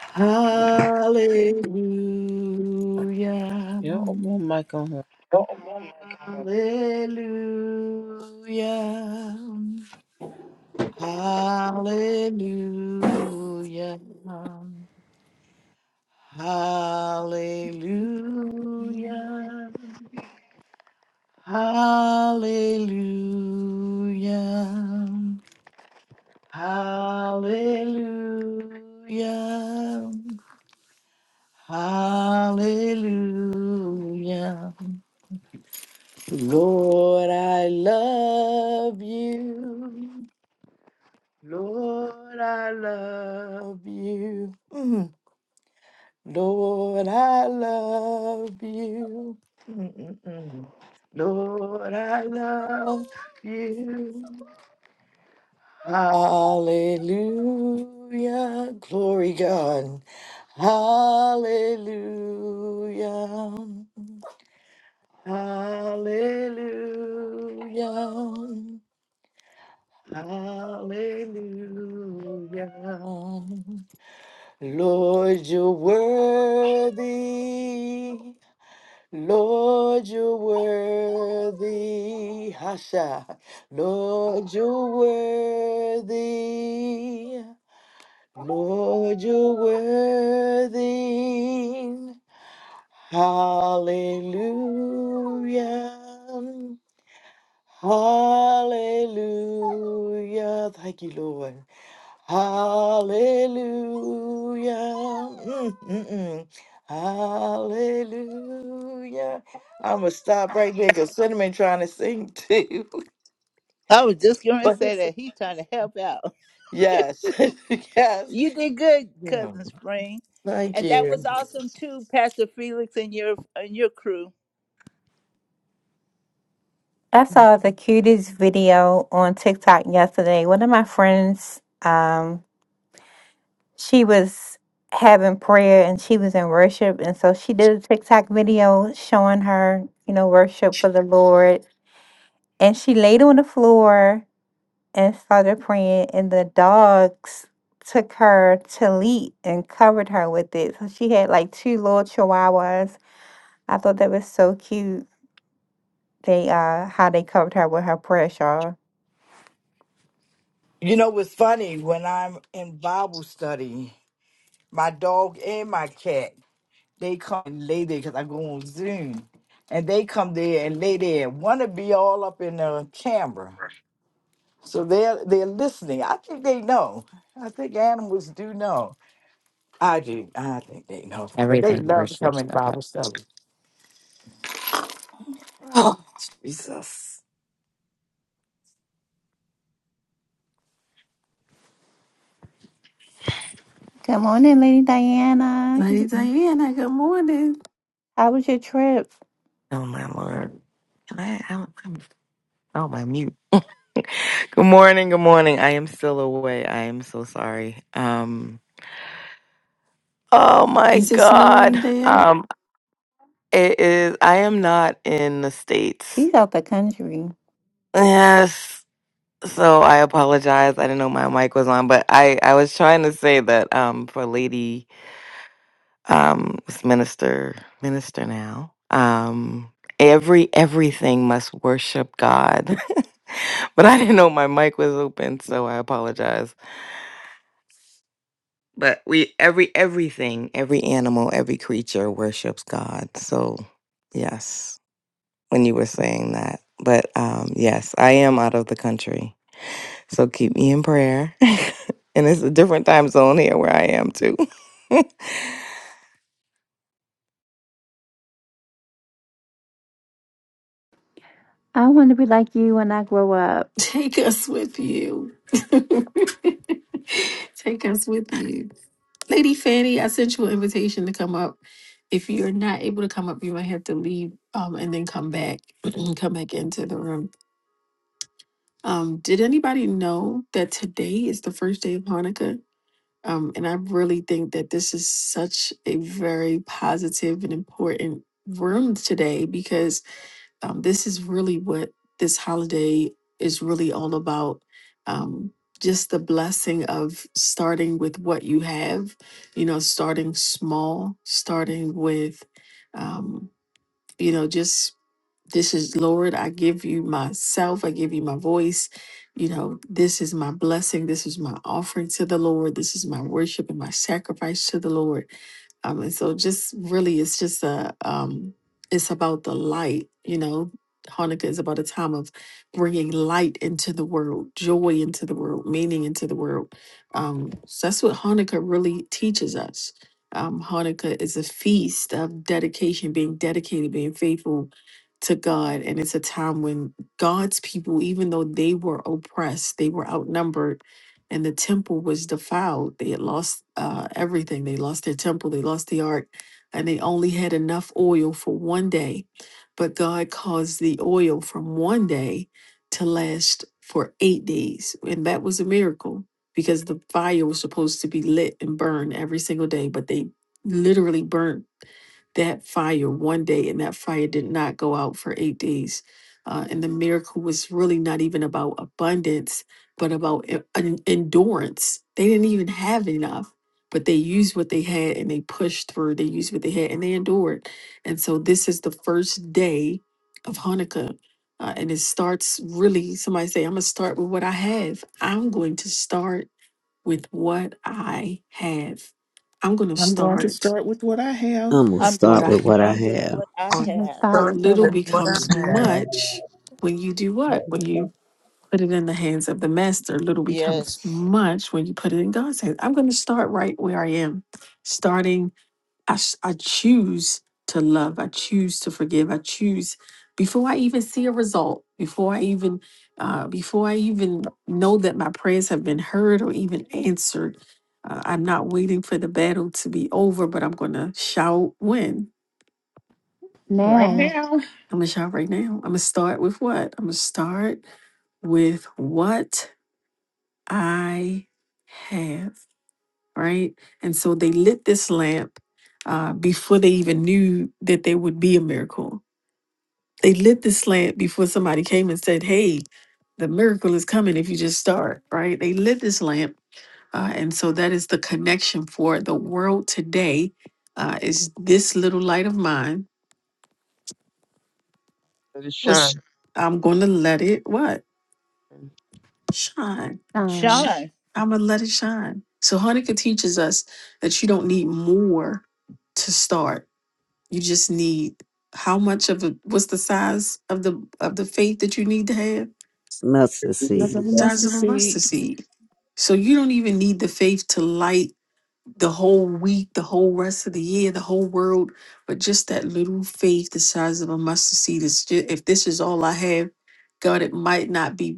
Speaker 17: Hallelujah.
Speaker 19: You don't open her mic on her.
Speaker 17: Hallelujah. Hallelujah. Hallelujah. Hallelujah. Hallelujah. Hallelujah. Lord, I love you. Lord, I love you. Mm. Lord, I love you. Mm-mm-mm. Lord, I love you. Hallelujah. Glory God. Hallelujah. Hallelujah. Hallelujah. Lord, you're worthy. Lord, you're worthy. Hasha. Lord, you're worthy. Lord, you're worthy. Hallelujah. Hallelujah. Thank you, Lord. Hallelujah. Mm, mm, mm. Hallelujah. I'm going to stop right there because Cinnamon trying to sing too.
Speaker 5: I was just going to
Speaker 17: But
Speaker 5: say that he's trying to help out.
Speaker 17: yes. yes.
Speaker 5: You did good,
Speaker 17: Yeah.
Speaker 5: cousin Spring,
Speaker 17: Thank
Speaker 5: and that
Speaker 17: you.
Speaker 5: was awesome too, Pastor Felix and your and your crew.
Speaker 4: I saw the cutest video on TikTok yesterday. One of my friends, um, she was having prayer and she was in worship, and so she did a TikTok video showing her, you know, worship for the Lord. And she laid on the floor and started praying, and the dogs took her tallit and covered her with it. So she had like two little chihuahuas. I thought that was so cute. They uh, how they covered her with her prayer shawl.
Speaker 17: You know, what's funny when I'm in Bible study, my dog and my cat. They come and lay there because I go on Zoom. And they come there and lay there and want to be all up in the camera. So they're they're listening. I think they know. I think animals do know. I do. I think they know. But they
Speaker 20: Everything
Speaker 17: love
Speaker 20: worships
Speaker 17: coming to
Speaker 20: God.
Speaker 17: Bible study.
Speaker 20: Oh, Jesus.
Speaker 4: Good morning, Lady Diana.
Speaker 1: Lady Diana, good morning.
Speaker 4: How was your trip?
Speaker 20: Oh, my Lord. Can I, I I'm, oh, my mute. Good morning. Good morning. I am still away. I am so sorry. Um, oh, my
Speaker 1: Is it snowing
Speaker 20: God.
Speaker 1: there?
Speaker 20: Um, it is, I am not in the States.
Speaker 4: She's out the country.
Speaker 20: Yes. So I apologize. I didn't know my mic was on, but I, I was trying to say that, um, for Lady um was minister minister now um every everything must worship god but i didn't know my mic was open so i apologize but we every everything every animal every creature worships god so yes when you were saying that but um yes i am out of the country so keep me in prayer and it's a different time zone here where i am too
Speaker 4: I want to be like you when I grow up.
Speaker 1: Take us with you. Take us with you. Lady Fanny, I sent you an invitation to come up. If you're not able to come up, you might have to leave um, and then come back, come back into the room. Um, did anybody know that today is the first day of Hanukkah? Um, and I really think that this is such a very positive and important room today because um, this is really what this holiday is really all about. Um, just the blessing of starting with what you have, you know, starting small, starting with, um, you know, just this is, Lord, I give you myself. I give you my voice. You know, this is my blessing. This is my offering to the Lord. This is my worship and my sacrifice to the Lord. Um, and so just really it's just a um it's about the light, you know. Hanukkah is about a time of bringing light into the world, joy into the world, meaning into the world. Um, so that's what Hanukkah really teaches us. Um, Hanukkah is a feast of dedication, being dedicated, being faithful, to God. And it's a time when God's people, even though they were oppressed, they were outnumbered, and the temple was defiled. They had lost uh, everything. They lost their temple, they lost the ark, and they only had enough oil for one day. But God caused the oil from one day to last for eight days. And that was a miracle because the fire was supposed to be lit and burned every single day, but they literally burnt that fire one day, and that fire did not go out for eight days. Uh, and the miracle was really not even about abundance, but about e- en- endurance. They didn't even have enough, but they used what they had and they pushed through. They used what they had and they endured. And so this is the first day of Hanukkah. Uh, and it starts really, somebody say, I'm going to start with what I have. I'm going to start with what I have. I'm going to
Speaker 13: I'm going to
Speaker 1: start
Speaker 13: start with what I have
Speaker 12: I'm going to
Speaker 5: I'm
Speaker 1: with what
Speaker 5: going
Speaker 12: start
Speaker 1: I
Speaker 5: to
Speaker 12: with what I
Speaker 5: start
Speaker 1: have
Speaker 5: with
Speaker 12: have
Speaker 5: what I
Speaker 3: I'm
Speaker 4: Let
Speaker 3: gonna
Speaker 4: am going
Speaker 5: have.
Speaker 4: start
Speaker 3: start
Speaker 4: with what
Speaker 1: little
Speaker 3: with what
Speaker 1: becomes
Speaker 3: I
Speaker 16: But
Speaker 3: have.
Speaker 16: I will
Speaker 1: much when you do what? When you put it in the hands of the master, little becomes
Speaker 5: Yes.
Speaker 1: much when you put it in God's hands. I'm going to start right where I am. Starting, I, s- I choose to love, I choose to forgive, I choose before I even see a result, before I even uh, before I even know that my prayers have been heard or even answered. Uh, I'm not waiting for the battle to be over, but I'm going to shout win.
Speaker 13: right
Speaker 4: Now,
Speaker 13: now.
Speaker 1: I'm gonna shout right now. I'm gonna start with what? I'm gonna start with what I have, right? And so they lit this lamp uh, before they even knew that there would be a miracle. They lit this lamp before somebody came and said, "Hey, the miracle is coming if you just start." Right? They lit this lamp, uh, and so that is the connection for the world today. Uh, is this little light of mine?
Speaker 2: Let it
Speaker 1: Was
Speaker 2: shine.
Speaker 1: I'm going to let it what? Shine. Sh-
Speaker 4: shine.
Speaker 5: Shine.
Speaker 1: I'm going to let it shine. So Hanukkah teaches us that you don't need more to start. You just need how much of a what's the size of the of the faith that you need to have?
Speaker 12: mustard
Speaker 16: tell
Speaker 13: As
Speaker 12: seed.
Speaker 13: of
Speaker 16: you
Speaker 13: a
Speaker 1: Size
Speaker 13: mustard
Speaker 1: of a
Speaker 13: seed,
Speaker 1: mustard seed. So you don't even need the faith to light the whole week, the whole rest of the year, the whole world, but just that little faith the size of a mustard seed is just, if this is all I have, God, it might not be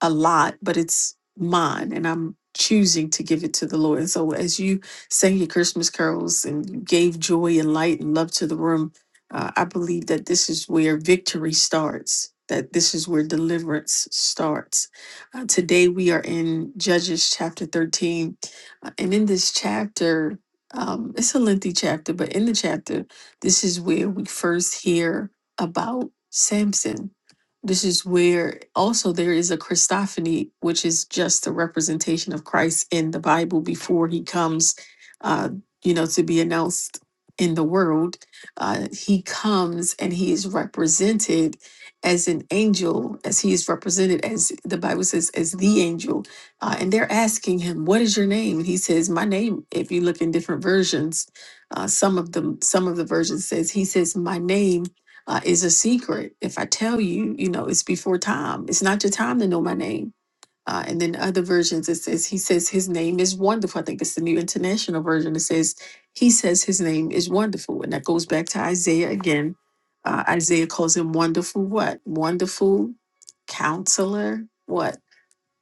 Speaker 1: a lot, but it's mine and I'm choosing to give it to the Lord. And so as you sang your Christmas carols and you gave joy and light and love to the room, uh, I believe that this is where victory starts, that this is where deliverance starts. Uh, today we are in Judges chapter 13. uh, and in this chapter, um, it's a lengthy chapter, but in the chapter, this is where we first hear about Samson this is where also there is a Christophany, which is just a representation of Christ in the Bible before he comes, uh, you know, to be announced in the world. Uh, he comes and he is represented as an angel, as he is represented as the Bible says, as the angel. Uh, and they're asking him, What is your name? And he says, My name, if you look in different versions, uh, some of them, some of the versions says, He says, My name uh, is a secret. If I tell you, you know, it's before time. It's not your time to know my name. Uh, and then other versions, it says, He says his name is wonderful. I think it's the New International Version. It says, He says his name is wonderful. And that goes back to Isaiah again. Uh, Isaiah calls him wonderful, what? Wonderful counselor, what?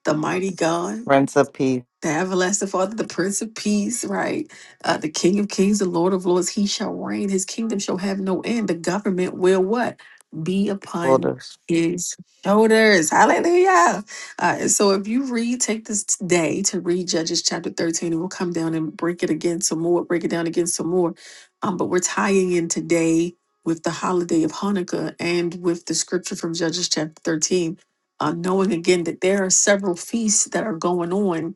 Speaker 1: The mighty God
Speaker 20: friends of peace
Speaker 1: the everlasting Father, the Prince of Peace, right? Uh, the King of Kings, the Lord of Lords, he shall reign. His kingdom shall have no end. The government will what? Be upon his shoulders. Hallelujah. Uh, and so if you read, take this day to read Judges chapter 13, and we'll come down and break it again some more, break it down again some more. Um, but we're tying in today with the holiday of Hanukkah and with the scripture from Judges chapter 13. Uh, knowing again that there are several feasts that are going on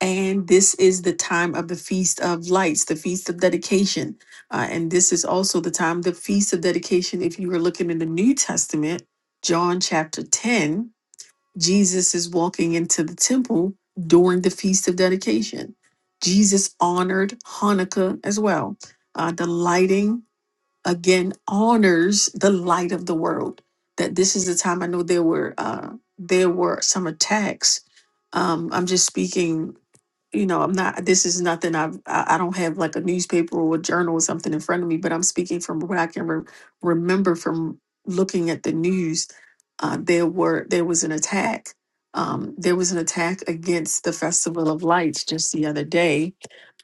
Speaker 1: and this is the time of the Feast of Lights, the Feast of Dedication. Uh, and this is also the time, the Feast of Dedication. If you were looking in the New Testament, John chapter 10, Jesus is walking into the temple during the Feast of Dedication. Jesus honored Hanukkah as well. Uh, the lighting, again, honors the light of the world. That this is the time I know there were uh, there were some attacks um, I'm just speaking you know, I'm not, this is nothing I've, I, I don't have like a newspaper or a journal or something in front of me, but I'm speaking from what I can re- remember from looking at the news. Uh, there were, there was an attack. Um, there was an attack against the Festival of Lights just the other day.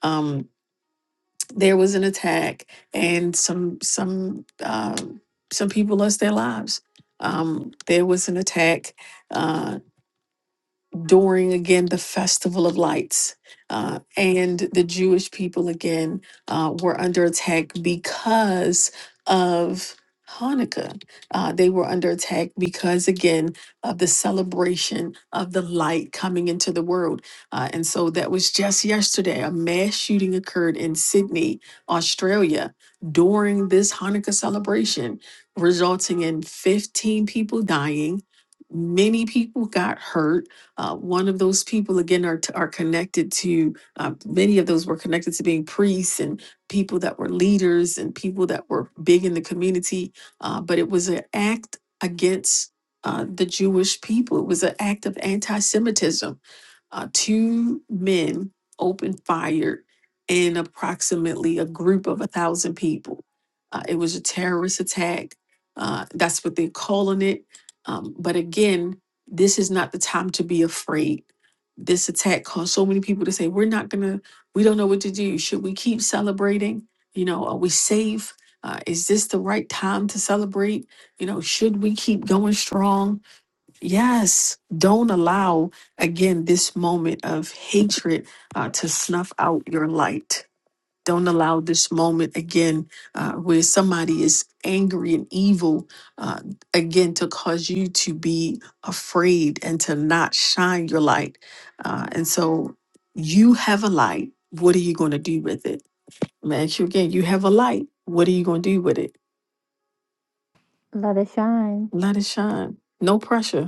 Speaker 1: Um, there was an attack and some, some, uh, some people lost their lives. Um, there was an attack uh, during again the festival of lights uh, and the jewish people again uh, were under attack because of hanukkah uh, they were under attack because again of the celebration of the light coming into the world uh, and so that was just yesterday a mass shooting occurred in sydney australia during this hanukkah celebration resulting in 15 people dying many people got hurt uh, one of those people again are are connected to uh, many of those were connected to being priests and people that were leaders and people that were big in the community. Uh, but it was an act against uh, the Jewish people. It was an act of anti-Semitism uh, two men opened fire and approximately a group of a thousand people. Uh, it was a terrorist attack. Uh, that's what they're calling it. Um, but again, this is not the time to be afraid. This attack caused so many people to say, "We're not gonna. We don't know what to do. Should we keep celebrating? You know, are we safe? Uh, is this the right time to celebrate? You know, should we keep going strong?" Yes, don't allow again this moment of hatred uh, to snuff out your light. Don't allow this moment again uh, where somebody is angry and evil uh, again to cause you to be afraid and to not shine your light. Uh, and so you have a light. What are you going to do with it? I'm gonna ask you again. You have a light. What are you going to do with it?
Speaker 4: Let it shine.
Speaker 1: Let it shine. No pressure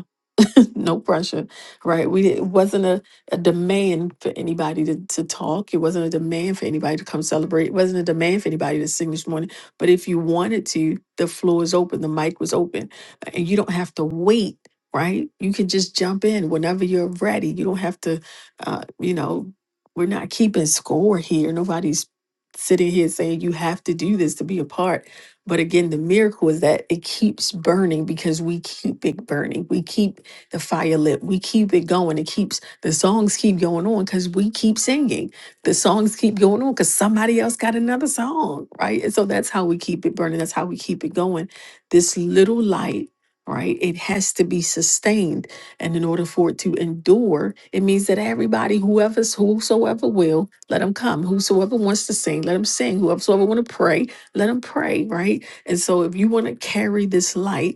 Speaker 1: no pressure, right? We didn't- it wasn't a, a demand for anybody to, to talk. It wasn't a demand for anybody to come celebrate. It wasn't a demand for anybody to sing this morning. But if you wanted to, the floor is open, the mic was open, and you don't have to wait. Right, you can just jump in whenever you're ready. You don't have to, uh, you know, we're not keeping score here. Nobody's sitting here saying you have to do this to be a part. But again, the miracle is that it keeps burning because we keep it burning. We keep the fire lit. We keep it going. It keeps the songs keep going on because we keep singing. The songs keep going on because somebody else got another song, right? And so that's how we keep it burning. That's how we keep it going. This little light, right? It has to be sustained. And in order for it to endure, it means that everybody, whoever's whosoever will, let them come. Whosoever wants to sing, let them sing. Whoever want to pray, let them pray, right? And so if you want to carry this light,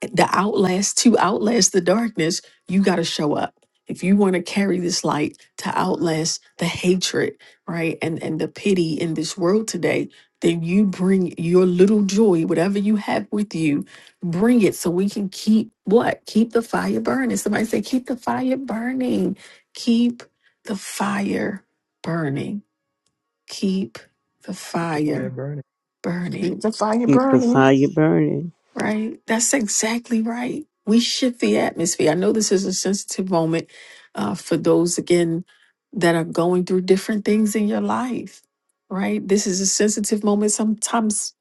Speaker 1: the outlast to outlast the darkness you got to show up if you want to carry this light to outlast the hatred right and and the pity in this world today then you bring your little joy whatever you have with you bring it so we can keep what keep the fire burning somebody say keep the fire burning keep the fire burning keep the
Speaker 6: Keep the fire
Speaker 1: fire
Speaker 6: burning.
Speaker 1: burning
Speaker 13: keep the fire
Speaker 12: Keep the
Speaker 13: burning.
Speaker 12: fire burning.
Speaker 1: Right. That's exactly right. We shift the atmosphere. I know this is a sensitive moment uh, for those, again, that are going through different things in your life. Right. This is a sensitive moment. Sometimes,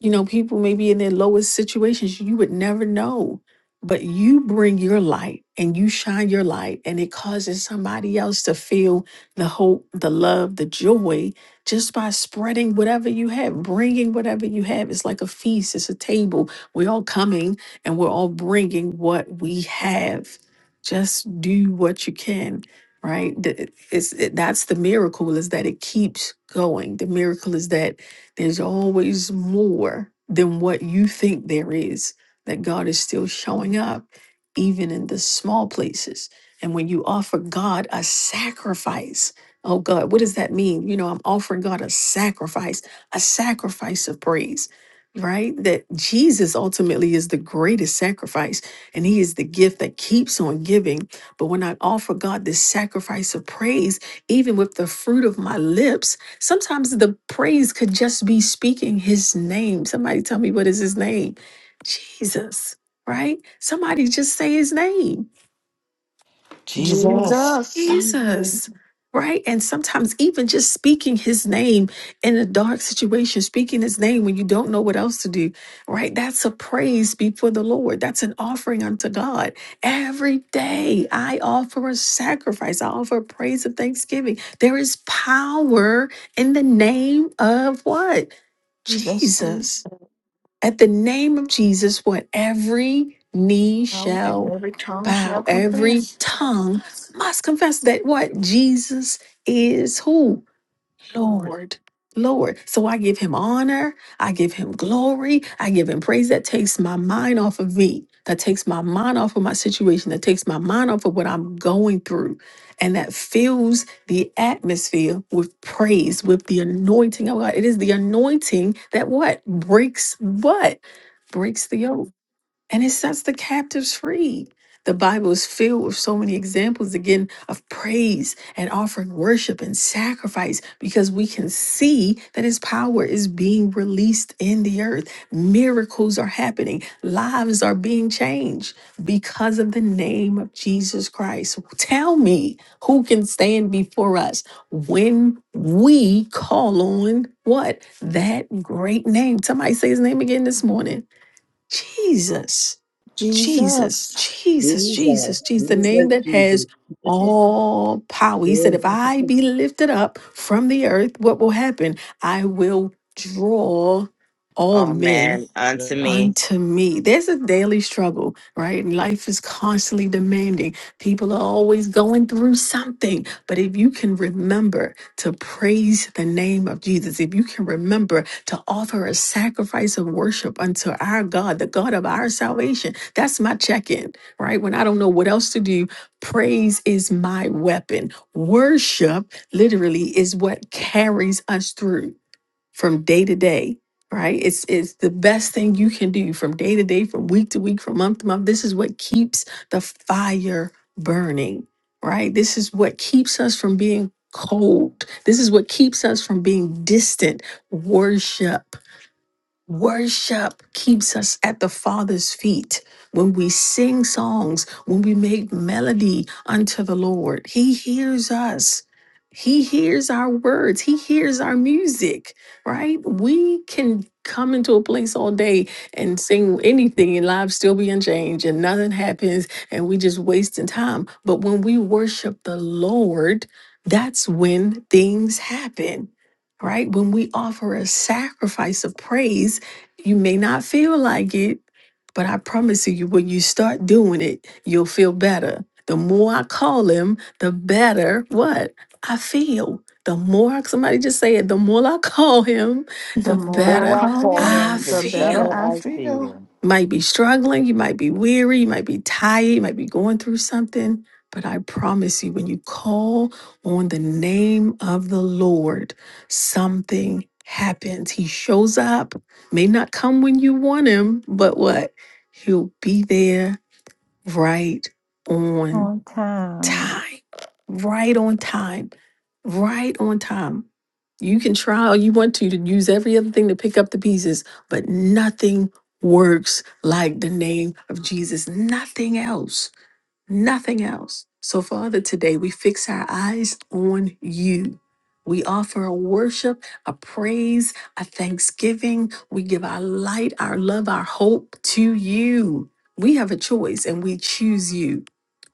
Speaker 1: you know, people may be in their lowest situations. You would never know. But you bring your light and you shine your light, and it causes somebody else to feel the hope, the love, the joy just by spreading whatever you have, bringing whatever you have. It's like a feast, it's a table we're all coming and we're all bringing what we have. Just do what you can, right? Th- It's, it, that's the miracle is that it keeps going. The miracle is that there's always more than what you think there is, that God is still showing up, even in the small places. And when you offer God a sacrifice, oh God, what does that mean? You know, I'm offering God a sacrifice, a sacrifice of praise right? That Jesus ultimately is the greatest sacrifice and he is the gift that keeps on giving. But when I offer God this sacrifice of praise, even with the fruit of my lips, sometimes the praise could just be speaking his name. Somebody tell me what is his name? Jesus, right? Somebody just say his name.
Speaker 17: Jesus.
Speaker 13: Jesus,
Speaker 4: Jesus,
Speaker 1: Jesus, right? And sometimes even just speaking his name in a dark situation, speaking his name when you don't know what else to do, right? That's a praise before the Lord. That's an offering unto God. Every day I offer a sacrifice, I offer a praise of thanksgiving. There is power in the name of what?
Speaker 13: Jesus.
Speaker 4: be
Speaker 1: Jesus. At the name of Jesus, what every knee
Speaker 13: Oh, and
Speaker 1: shall
Speaker 13: every tongue shall
Speaker 1: bow, every
Speaker 13: confess.
Speaker 1: tongue must confess that what
Speaker 6: So,
Speaker 1: Jesus is who? Lord, Lord. So I give him honor. I give him glory. I give him praise. That takes my mind off of me. That takes my mind off of my situation. That takes my mind off of what I'm going through. And that fills the atmosphere with praise, with the anointing of God. It is the anointing that what? Breaks what? Breaks the yoke and it sets the captives free. The Bible is filled with so many examples again of praise and offering worship and sacrifice because we can see that His power is being released in the earth. Miracles are happening, lives are being changed because of the name of Jesus Christ. Tell me who can stand before us when we call on what? That great name. Somebody say His name again this morning Jesus, Jesus,
Speaker 13: Jesus.
Speaker 1: Jesus,
Speaker 16: that
Speaker 1: Jesus, Jesus, the name
Speaker 16: Jesus,
Speaker 1: that has
Speaker 16: Jesus,
Speaker 1: all power. He said,
Speaker 16: Jesus.
Speaker 1: If I be lifted up from the earth, what will happen? I will draw all
Speaker 20: Oh
Speaker 1: men
Speaker 20: man, unto
Speaker 6: Amen.
Speaker 20: me.
Speaker 1: unto me. There's a daily struggle, right? And Life is constantly demanding. People are always going through something. But if you can remember to praise the name of Jesus, if you can remember to offer a sacrifice of worship unto our God, the God of our salvation, that's my check in, right? When I don't know what else to do, praise is my weapon. Worship literally is what carries us through from day to day, right? It's it's the best thing you can do from day to day, from week to week, from month to month. This is what keeps the fire burning, right? This is what keeps us from being cold. This is what keeps us from being distant. Worship. Worship keeps us at the Father's feet. When we sing songs, when we make melody unto the Lord, He hears us. He hears our words. He hears our music, right? We can come into a place all day and sing anything and lives still be unchanged and nothing happens and we just wasting time. But when we worship the Lord, that's when things happen right? When we offer a sacrifice of praise, you may not feel like it, but I promise you, when you start doing it, you'll feel better. The more I call him, the better what I feel. The more somebody just say it, the more I call him,
Speaker 13: The
Speaker 1: the
Speaker 17: The
Speaker 13: more I
Speaker 17: more
Speaker 1: better
Speaker 17: I
Speaker 13: call
Speaker 17: call
Speaker 13: him,
Speaker 1: I
Speaker 17: him, the
Speaker 13: the better
Speaker 1: feel
Speaker 17: better
Speaker 13: I
Speaker 17: I
Speaker 13: feel.
Speaker 17: feel.
Speaker 1: might be struggling, you might be weary, you might be tired, you might be going through something. But I promise you, when you call on the name of the Lord, something happens. He shows up, may not come when you want him, but what? He'll be there right on
Speaker 4: On time.
Speaker 1: time, right on time, right on time. You can try all you want to to use every other thing to pick up the pieces, but nothing works like the name of Jesus. Nothing else nothing else. So, Father, today we fix our eyes on you. We offer a worship, a praise, a thanksgiving. We give our light, our love, our hope to you. We have a choice and we choose you.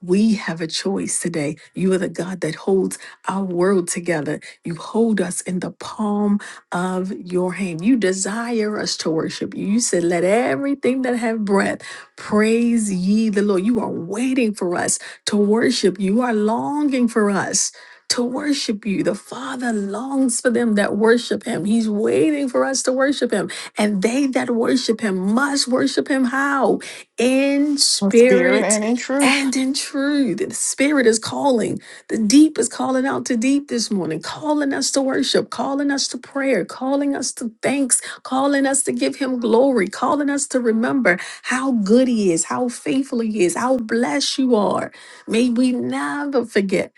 Speaker 1: We have a choice today. You are the God that holds our world together. You hold us in the palm of your hand. You desire us to worship you. You said, Let everything that have breath Praise ye the Lord. You are waiting for us to worship. You You are longing for us to worship you. The Father longs for them that worship him. He's waiting for us to worship him. And they that worship him must worship him how? In
Speaker 13: In spirit
Speaker 1: spirit
Speaker 13: and in truth.
Speaker 1: and in truth. The spirit is calling. The deep is calling out to deep this morning, calling us to worship, calling us to prayer, calling us to thanks, calling us to give him glory, calling us to remember how good He is, how faithful He is, how blessed you are. May we never forget.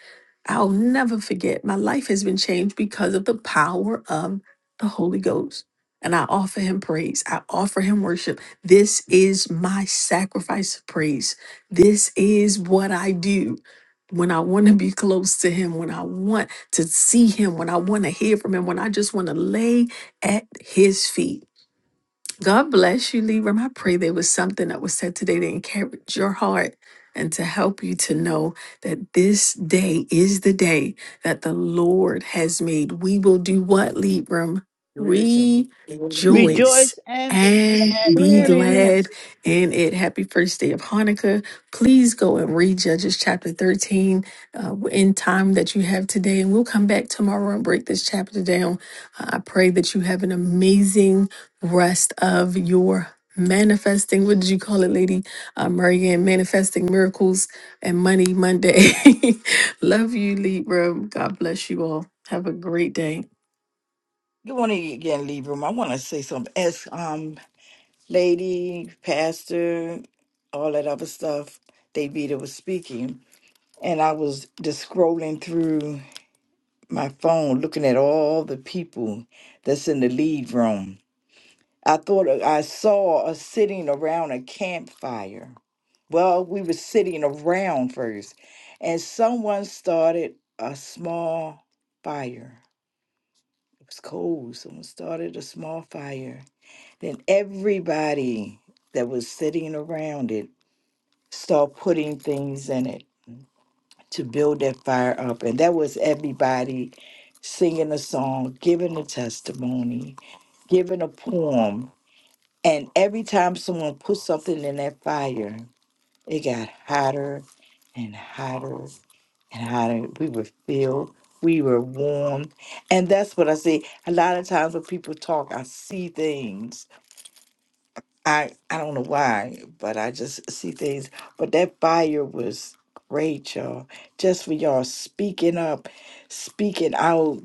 Speaker 1: I'll never forget. My life has been changed because of the power of the Holy Ghost. And I offer Him praise, I offer Him worship. This is my sacrifice of praise. This is what I do when I want to be close to him, when I want to see him, when I want to hear from him, when I just want to lay at his feet. God bless you, Libram. I pray there was something that was said today to encourage your heart and to help you to know that this day is the day that the Lord has made. We will do what, Libram?
Speaker 17: Bruce and Amen.
Speaker 1: Rejoice
Speaker 5: Rejoice and be
Speaker 1: and
Speaker 5: glad
Speaker 1: be
Speaker 13: Live
Speaker 5: in
Speaker 13: in
Speaker 5: it.
Speaker 13: it.
Speaker 1: glad in it. Happy first day of Hanukkah. Please go and read Judges chapter 13 uh, in time that you have today. And we'll come back tomorrow and break this chapter down. Uh, I pray that you have an amazing rest of your manifesting. What did you call it, Lady uh, Marianne? Manifesting miracles and money Monday. Love you, Libra. God bless you all. Have a great day.
Speaker 17: Good morning again, Libra. I want to say something. As um lady, pastor, all that other stuff, Davida was speaking. And I was just scrolling through my phone, looking at all the people that's in the lead room. I thought uh, I saw us sitting around a campfire. Well, we were sitting around first, and someone started a small fire. It was cold. Someone started a small fire. Then everybody that was sitting around it start putting things in it to build that fire up. And that was everybody singing a song, giving a testimony, giving a poem. And every time someone put something in that fire, it got hotter and hotter and hotter. We were filled, we were warm. And that's what I see. A lot of times when people talk, I see things I I don't know why, but I just see things. But that fire was great, y'all. Just for y'all speaking up, speaking out,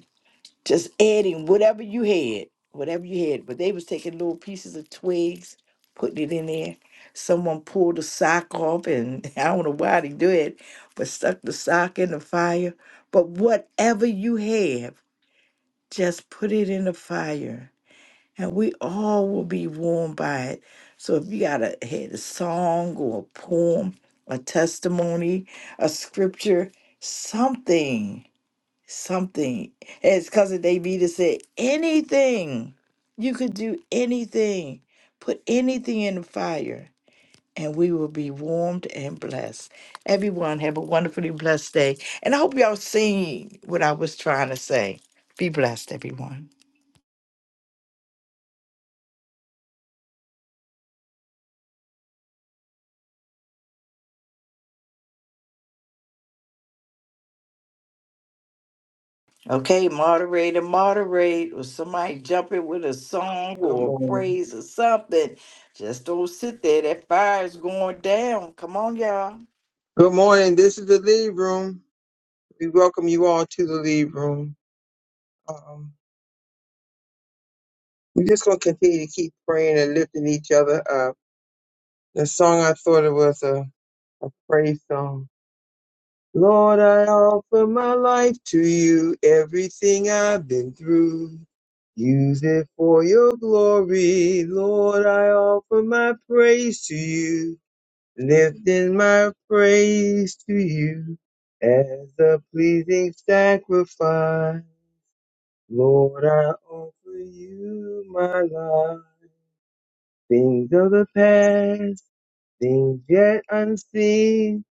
Speaker 17: just adding whatever you had, whatever you had. But they was taking little pieces of twigs, putting it in there. Someone pulled a sock off, and I don't know why they do it, but stuck the sock in the fire. But whatever you have, just put it in the fire and we all will be warmed by it. So if you got a had a song or a poem, a testimony, a scripture, something, something, as cousin Davida said, anything. You could do anything. Put anything in the fire, and we will be warmed and blessed. Everyone have a wonderfully blessed day, and I hope y'all seen what I was trying to say. Be blessed, everyone. Okay, moderator, moderate, or somebody jump in with a song
Speaker 2: Good
Speaker 17: or a
Speaker 2: morning.
Speaker 17: praise or something. Just don't sit there. That fire is going down. Come on, y'all.
Speaker 2: Good morning. This is the lead room. We welcome you all to the lead room. Um, we're just going to continue to keep praying and lifting each other up. The song I thought it was a, a praise song. Lord, I offer my life to you, everything I've been through. Use it for your glory. Lord, I offer my praise to you, lifting my praise to you as a pleasing sacrifice. Lord, I offer you my life. Things of the past, things yet unseen,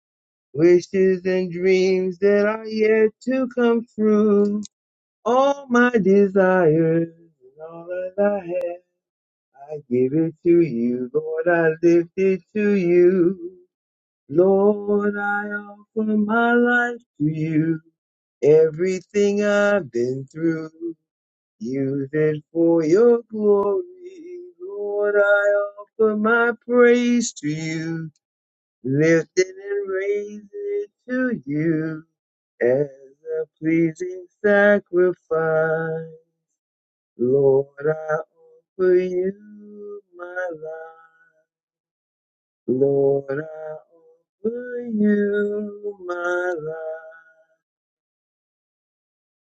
Speaker 2: wishes and dreams that are yet to come true. All my desires and all that I have, I give it to you, Lord. I lift it to you, Lord. I offer my life to you. Everything I've been through. Use it for your glory. Lord, I offer my praise to you, lifting and raising it to you as a pleasing sacrifice. Lord, I offer you my life. Lord, I offer you my life.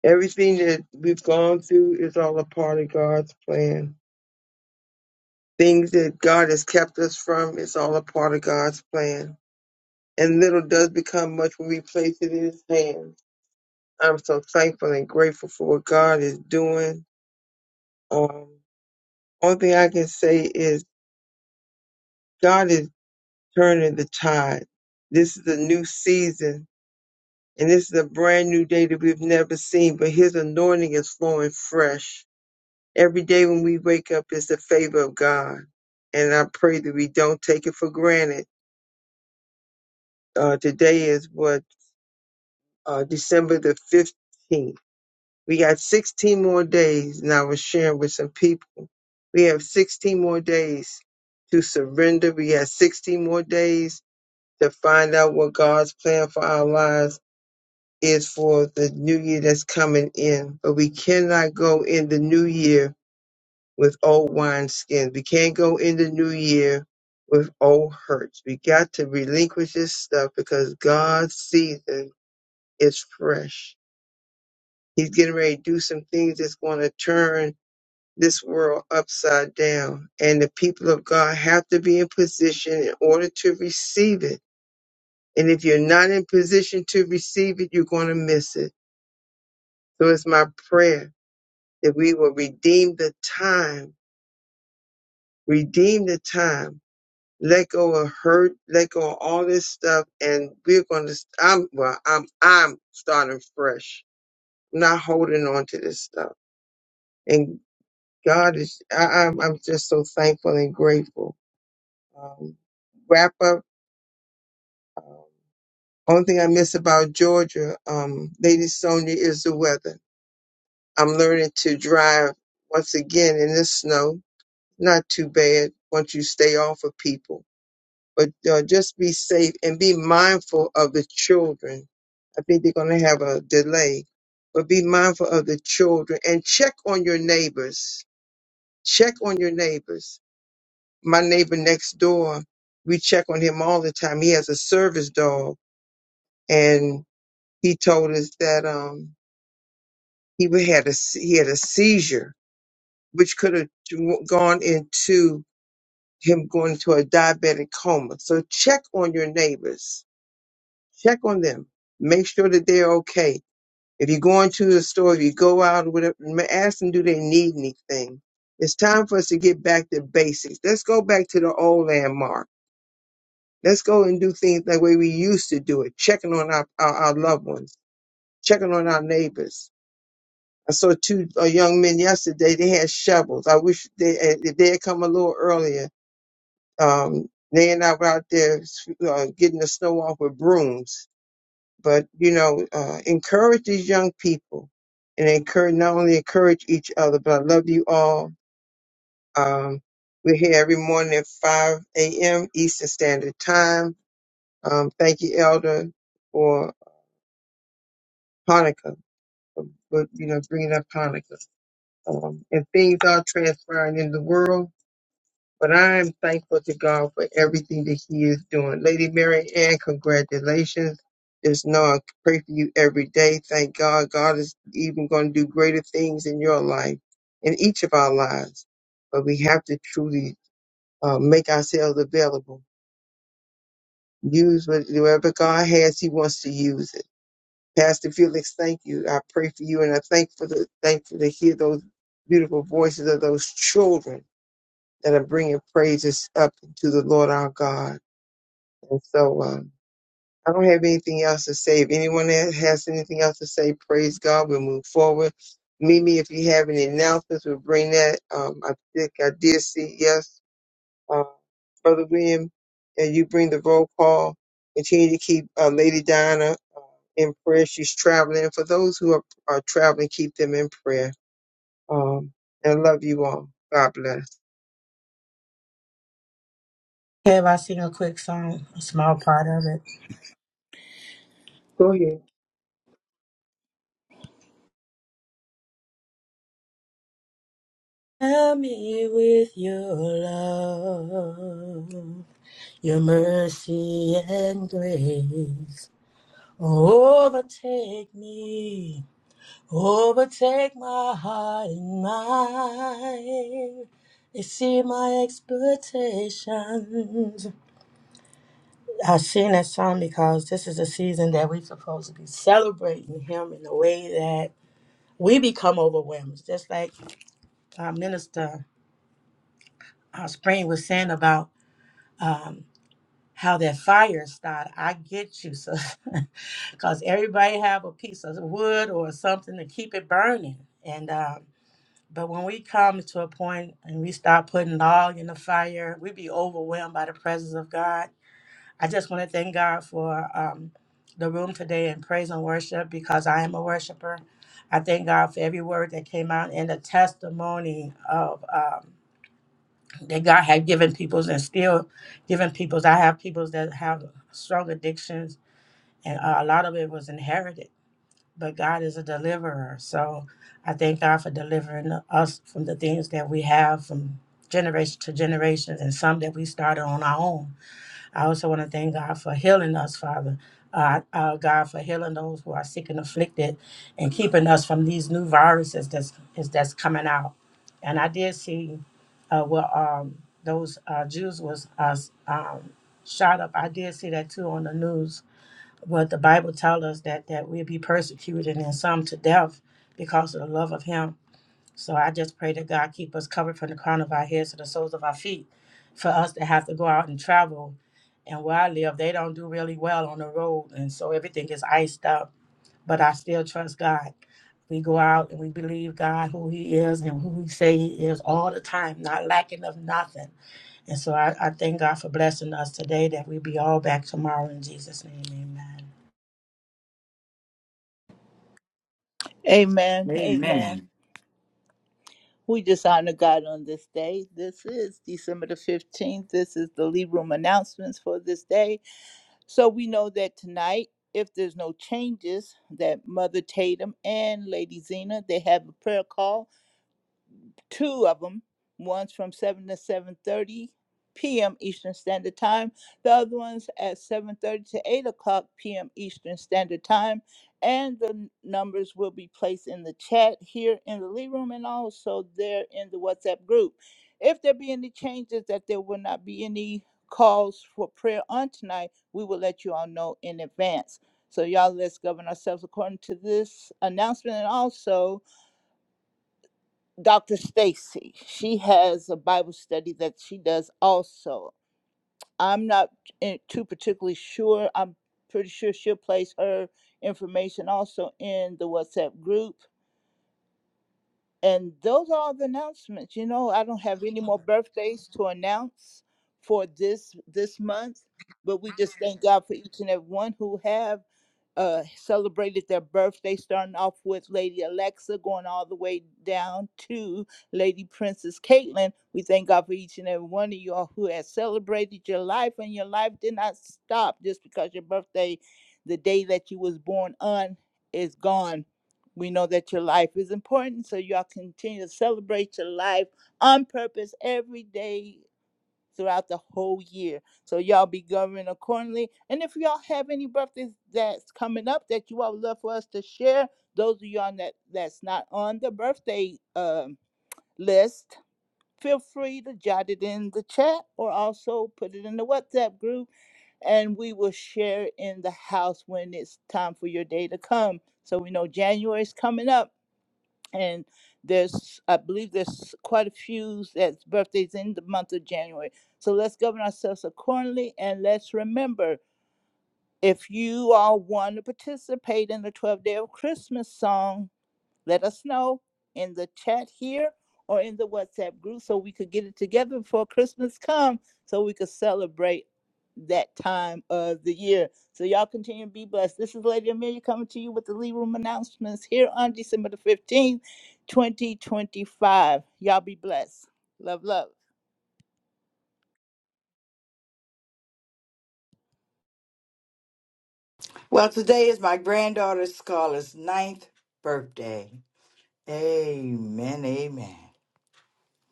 Speaker 2: Everything that we've gone through is all a part of God's plan Things that God has kept us from, it's all a part of God's plan. And little does become much when we place it in His hands. I'm so thankful and grateful for what God is doing. Um, only thing I can say is God is turning the tide. This is a new season, and this is a brand new day that we've never seen, but His anointing is flowing fresh. Every day when we wake up is the favor of God. And I pray that we don't take it for granted. Uh, today is what? uh, December the 15th. We got 16 more days. And I was sharing with some people. We have 16 more days to surrender. We have 16 more days to find out what God's plan for our lives is for the new year that's coming in. But we cannot go in the new year with old wineskins. We can't go in the new year with old hurts. We got to relinquish this stuff because God's season is fresh. He's getting ready to do some things that's going to turn this world upside down. And the people of God have to be in position in order to receive it. And if you're not in position to receive it, you're going to miss it. So it's my prayer that we will redeem the time, redeem the time, let go of hurt, let go of all this stuff. And we're going to, I'm, well, I'm, I'm starting fresh, not holding on to this stuff God is, I, I'm, I'm just so thankful and grateful. Um, wrap up. Um, only thing I miss about Georgia, um, Lady Sonia, is the weather. I'm learning to drive once again in this snow. Not too bad once you stay off of people, but uh, just be safe and be mindful of the children. I think they're going to have a delay, but be mindful of the children and check on your neighbors. Check on your neighbors my neighbor next door, we check on him all the time. He has a service dog, and he told us that um, he wa- had a se- he had a seizure, which could have gone into him going into a diabetic coma. So check on your neighbors, check on them, make sure that they're okay. If you go into the store, if you go out, whatever, ma- ask them do they need anything. It's time for us to get back to basics. Let's go back to the old landmark Let's go and do things the way we used to do it, checking on our, our, our loved ones, checking on our neighbors. I saw two uh, young men yesterday. They had shovels. I wish they had- if they had come a little earlier. Um, they and I were out there uh, getting the snow off with brooms. But you know, uh, encourage these young people, and encourage not only encourage each other, but I love you all. Um, we're here every morning at 5 a.m. Eastern Standard Time. Um, thank you, Elder, for Hanukkah, um, but you know, bringing up Hanukkah. Um, and things are transpiring in the world, but I am thankful to God for everything that He is doing. Lady Mary Ann, congratulations. Just know I pray for you every day. Thank God. God is even going to do greater things in your life, in each of our lives. But we have to truly uh, make ourselves available. Use what- whatever God has, He wants to use it Pastor Felix, thank you. I pray for you, and I thank for the thankful to hear those beautiful voices of those children that are bringing praises up to the Lord our God. And so, um, I don't have anything else to say. If anyone ha- has anything else to say, praise God. We'll move forward. Mimi, if you have any announcements, we'll bring that. Um, I think I did see yes, uh, Brother William, and you bring the roll call. Continue to keep uh, Lady Diana in prayer. She's traveling. For those who are, are traveling, keep them in prayer. Um, and love you all. God bless.
Speaker 18: Have I sing a quick song, a small part of it?
Speaker 2: Go ahead.
Speaker 18: Fill me with your love, your mercy and grace. Overtake me, overtake my heart and mind. They see my expectations. I sing that song because this is a season that we're supposed to be celebrating Him in the way that. we become overwhelmed. Just like our minister our spring was saying about um, how that fire started. I get you, so because everybody have a piece of wood or something to keep it burning. And um, but when we come to a point and we start putting log in the fire, we be overwhelmed by the presence of God I just want to thank God for um, the room today and praise and worship because I am a worshiper. I thank God for every word that came out and the testimony of um, that God had given peoples and still given peoples. I have peoples that have strong addictions, and uh, a lot of it was inherited. But God is a deliverer, so I thank God for delivering us from the things that we have from generation to generations, and some that we started on our own. I also want to thank God for healing us, Father. Uh, uh, God for healing those who are sick and afflicted, and keeping us from these new viruses that's is, that's coming out. And I did see uh, where um, those uh, Jews was uh, um, shot up. I did see that too on the news. But the Bible tells us that that we'll be persecuted and some to death because of the love of Him so I just pray that God keep us covered from the crown of our heads to the soles of our feet. For us to have to go out and travel, and where I live, they don't do really well on the road, and so everything is iced up. But I still trust God. We go out and we believe God who He is and who He say He is all the time, not lacking of nothing. And so I, I thank God for blessing us today that we be all back tomorrow in Jesus' name, Amen.
Speaker 5: Amen. Amen.
Speaker 17: Amen.
Speaker 5: We just honor God on this day. This is December the 15th. This is the lead Room announcements for this day. So we know that tonight, if there's no changes, that Mother Tatum and Lady Zena, they have a prayer call two of them. One's from seven to seven thirty p.m. Eastern Standard Time. The other one's at seven thirty to eight o'clock p.m. Eastern Standard Time. And the numbers will be placed in the chat here in the Lee Room and also there in the WhatsApp group. If there be any changes, that there will not be any calls for prayer on tonight, we will let you all know in advance. So y'all, let's govern ourselves according to this announcement and also Dr. Stacy. She has a Bible study that she does also. I'm not in- too particularly sure. I'm pretty sure she'll place her information also in the WhatsApp group. And those are all the announcements. You know, I don't have any more birthdays to announce for this this month, but we just thank God for each and every one who have uh, celebrated their birthday, starting off with Lady Alexa, going all the way down to Lady Princess Caitlin. We thank God for each and every one of you all who has celebrated your life, and your life did not stop just because your birthday, the day that you was born on, is gone. We know that your life is important, so y'all continue to celebrate your life on purpose every day throughout the whole year. So y'all be governed accordingly. And if y'all have any birthdays that's coming up that you all would love for us to share, those of y'all that that's not on the birthday um, list, feel free to jot it in the chat or also put it in the WhatsApp group, and we will share in the house when it's time for your day to come. So we know January's coming up and there's I believe there's quite a few that's birthdays in the month of January. So let's govern ourselves accordingly and let's remember if you all want to participate in the 12 day of Christmas song let us know in the chat here or in the WhatsApp group so we could get it together before Christmas comes so we could celebrate that time of the year. So y'all continue to be blessed. This is Lady Amelia coming to you with the Lee Room announcements here on December the 15th, 2025. Y'all be blessed. Love, love.
Speaker 17: Well, today is my granddaughter Scarlett's ninth birthday. Amen, amen.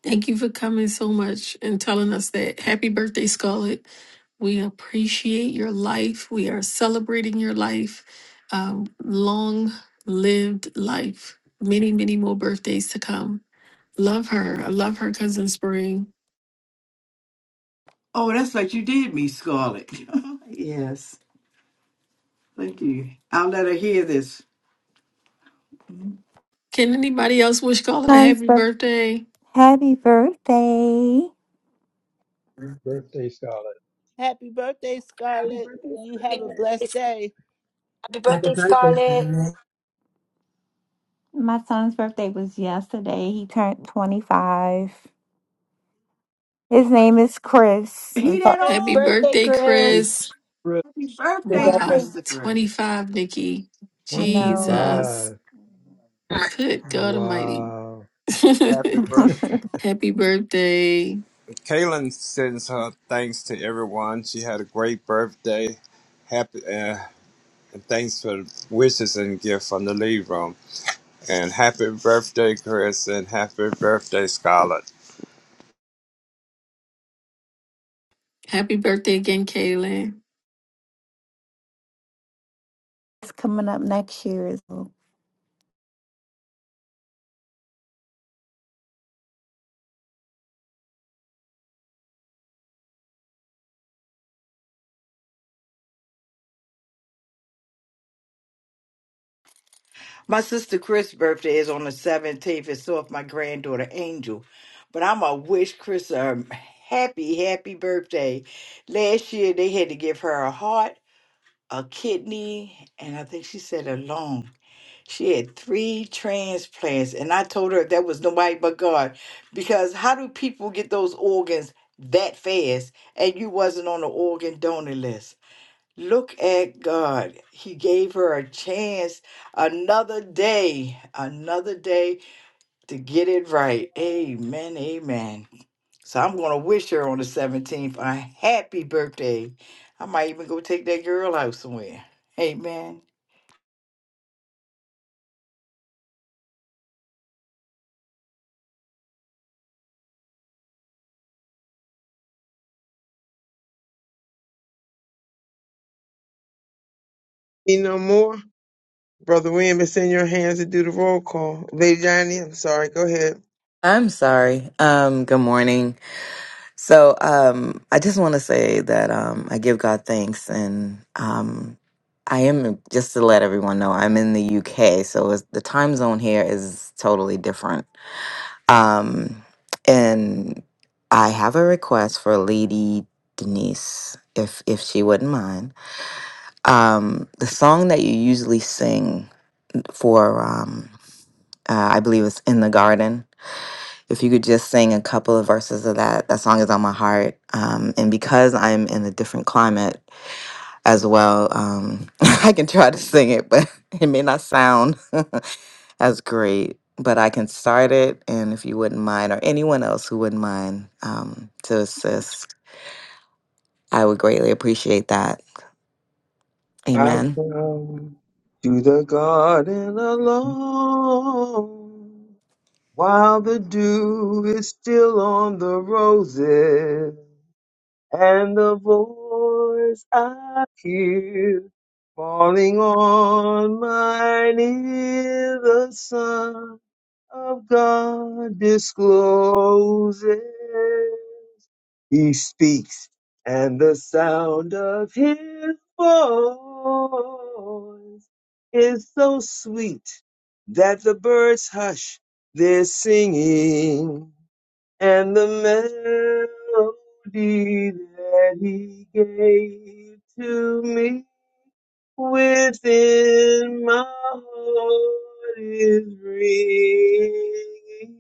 Speaker 1: Thank you for coming so much and telling us that. Happy birthday, Scarlett. We appreciate your life. We are celebrating your life. Um, long lived life. Many, many more birthdays to come. Love her. I love her, Cousin Spring.
Speaker 17: Oh, that's what you did me, Scarlett. yes. Thank you. I'll let her hear this.
Speaker 1: Can anybody else wish Carla a
Speaker 4: Son's
Speaker 1: happy
Speaker 4: birth-
Speaker 1: birthday?
Speaker 4: Happy birthday.
Speaker 6: birthday, Scarlett.
Speaker 5: Happy birthday,
Speaker 21: Happy
Speaker 5: Scarlett.
Speaker 21: birthday,
Speaker 5: You have a
Speaker 21: Scarlett.
Speaker 5: blessed
Speaker 10: Happy
Speaker 5: day.
Speaker 18: Happy
Speaker 10: birthday,
Speaker 18: birthday,
Speaker 10: Scarlett.
Speaker 18: Amen.
Speaker 4: My son's birthday was yesterday. He turned 25. His name is Chris. We
Speaker 17: He that
Speaker 4: thought
Speaker 1: Happy
Speaker 5: Yes.
Speaker 17: old
Speaker 10: Birthday,
Speaker 1: birthday,
Speaker 6: Happy
Speaker 10: Chris.
Speaker 1: Chris.
Speaker 6: birthday,
Speaker 17: happy
Speaker 18: Happy
Speaker 17: birthday,
Speaker 18: birthday.
Speaker 1: Wow.
Speaker 17: Christopher.
Speaker 1: 25, Nikki.
Speaker 4: I know.
Speaker 1: Jesus.
Speaker 6: 25.
Speaker 1: Good God Almighty.
Speaker 6: Wow.
Speaker 9: Happy birthday.
Speaker 1: happy birthday.
Speaker 9: Kaylin sends her thanks to everyone. She had a great birthday. Happy uh, and thanks for the wishes and gift from the lead room. And happy birthday, Chris, and happy birthday, Scarlett.
Speaker 1: Happy birthday again, Kaylin.
Speaker 4: It's coming up next year. so
Speaker 17: My sister Chris' birthday is on the 17th, and so is my granddaughter Angel. But I'm going to wish Chris a happy, happy birthday. Last year, they had to give her a heart, a kidney, and I think she said a lung. She had three transplants, and I told her that was nobody but God. Because how do people get those organs that fast? And you wasn't on the organ donor list. Look at God. He gave her a chance, another day, another day to get it right. Amen. Amen. So I'm going to wish her on the 17th a happy birthday. I might even go take that girl out somewhere. Amen.
Speaker 2: Need no more? Brother William, it's in your hands to do the roll call. Lady Diane, I'm sorry. Go ahead.
Speaker 20: I'm sorry. Um, good morning. So, um, I just want to say that um, I give God thanks, and um, I am just to let everyone know I'm in the UK, so it's, the time zone here is totally different. Um, and I have a request for Lady Denise, if if she wouldn't mind. Um, the song that you usually sing for, um, uh, I believe it's "In the Garden." If you could just sing a couple of verses of that, that song is on my heart. Um, and because I'm in a different climate as well, um, I can try to sing it, but it may not sound as great. But I can start it, and if you wouldn't mind, or anyone else who wouldn't mind um, to assist, I would greatly appreciate that.
Speaker 2: I
Speaker 20: Amen.
Speaker 2: come to the garden alone while the dew is still on the roses. and the voice I hear falling on mine ear, the Son of God discloses. He speaks, and the sound of his voice is so sweet that the birds hush their singing and the melody that he gave to me within my heart is ringing,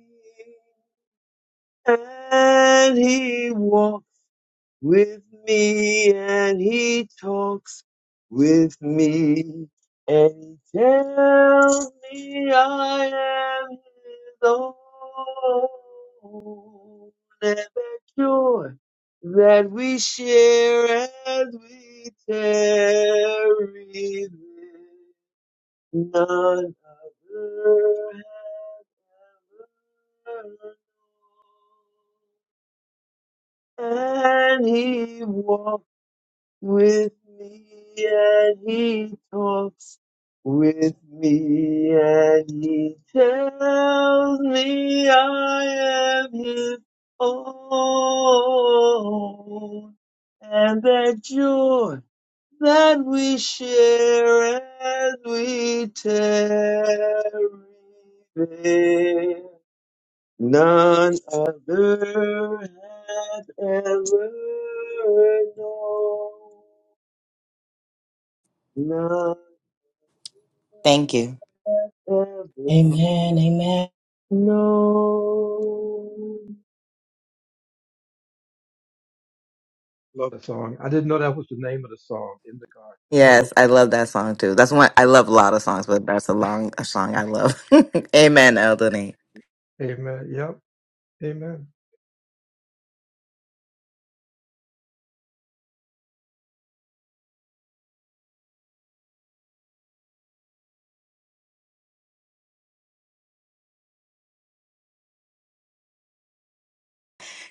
Speaker 2: and he walked with me and he talks with me and he tells me I am his own and the joy that we share as we tarry there, none other has ever known and he walks with me and he talks with me and he tells me I am his own and that joy that we share as we tarry there. None other has ever known. None
Speaker 20: Thank you.
Speaker 2: ever
Speaker 18: Amen. Amen.
Speaker 2: known.
Speaker 6: Love the song. I didn't know that was the name of the song, In the Garden. I'm going to
Speaker 20: Yes,
Speaker 6: look for
Speaker 20: I love that song too. That's one I love a lot of songs, but that's a long a song I love. Amen, Elden.
Speaker 6: that. Amen. Yep. Amen.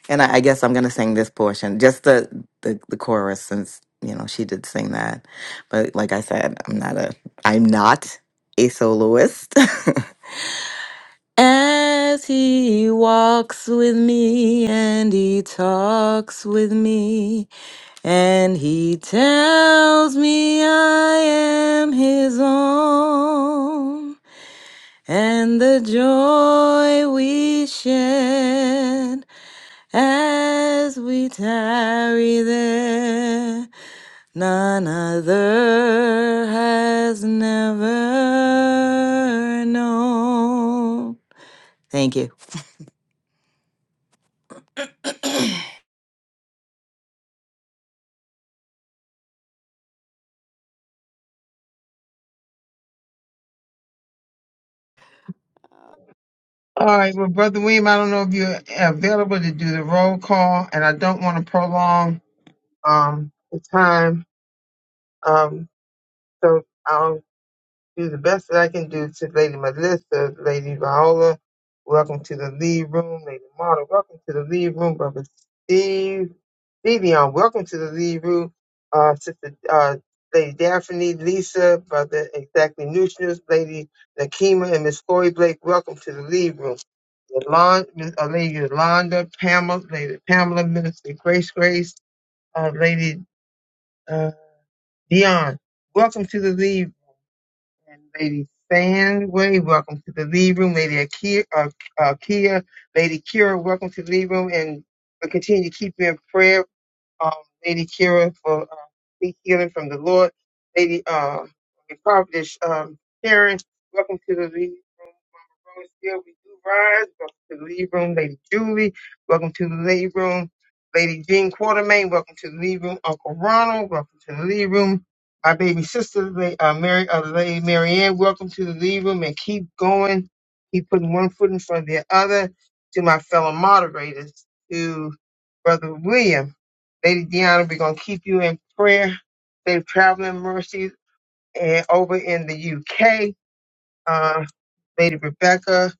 Speaker 20: And I, I guess I'm gonna sing this portion, just the, the the chorus, since you know she did sing that. But like I said, I'm not a I'm not a soloist. As he walks with me and he talks with me and he tells me I am his own and the joy we share as we tarry there, none other has never known. Thank you.
Speaker 2: All right, well, Brother Weem, I don't know if you're available to do the roll call, and I don't want to prolong um, the time. Um, so, do the best that I can do to Lady Melissa, Lady Viola. Welcome to the lead room, Lady Marta. Welcome to the lead room, Brother Steve. Vivian, welcome to the lead room. Uh, Sister uh, Lady Daphne, Lisa, Brother Exactly Nutrients, Lady Nakima, and Miss Corey Blake. Welcome to the lead room. Yolanda, Miss- uh, Lady Yolanda, Pamela, Lady Pamela, Minister Grace Grace, uh, Lady uh, Dion. Welcome to the lead and Lady Sandway, welcome to the lead room. Lady Akia, uh, uh, Kia, Lady Kira, welcome to the lead room. And we continue to keep you in prayer, um, Lady Kira, for uh, deep healing from the Lord. Lady uh, Prophetess um, Karen, welcome to the lead Room still we do rise. Welcome to the lead room, Lady Julie. Welcome to the lead room, Lady Jean Quartermain. Welcome to the lead room, Uncle Ronald. Welcome to the lead room, my baby sister, La- uh, Mary, uh, Lady Marianne. Welcome to the lead room, and keep going. Keep putting one foot in front of the other. To my fellow moderators, to Brother William, Lady Deanna, we're gonna keep you in prayer. They're traveling mercies and over in the UK. Lady Rebecca.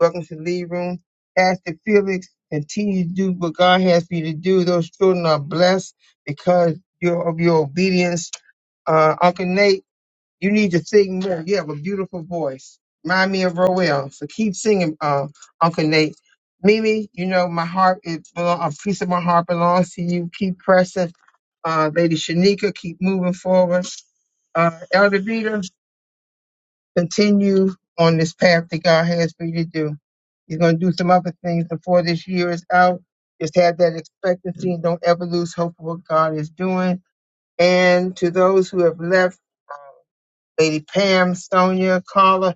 Speaker 2: Welcome to the lead room. Pastor Felix, continue to do what God has for you to do. Those children are blessed because your, of your obedience. Uh, Uncle Nate, you need to sing more. You have a beautiful voice. Remind me of Roel. So keep singing, uh, Uncle Nate. Mimi, you know, my heart, is, a piece of my heart belongs to you. Keep pressing. Uh, Lady Shanika, keep moving forward uh, Elder Vita continue on this path that God has for you to do. He's going to do some other things before this year is out. Just have that expectancy and don't ever lose hope of what God is doing. And to those who have left, Lady Pam, Sonia, Carla,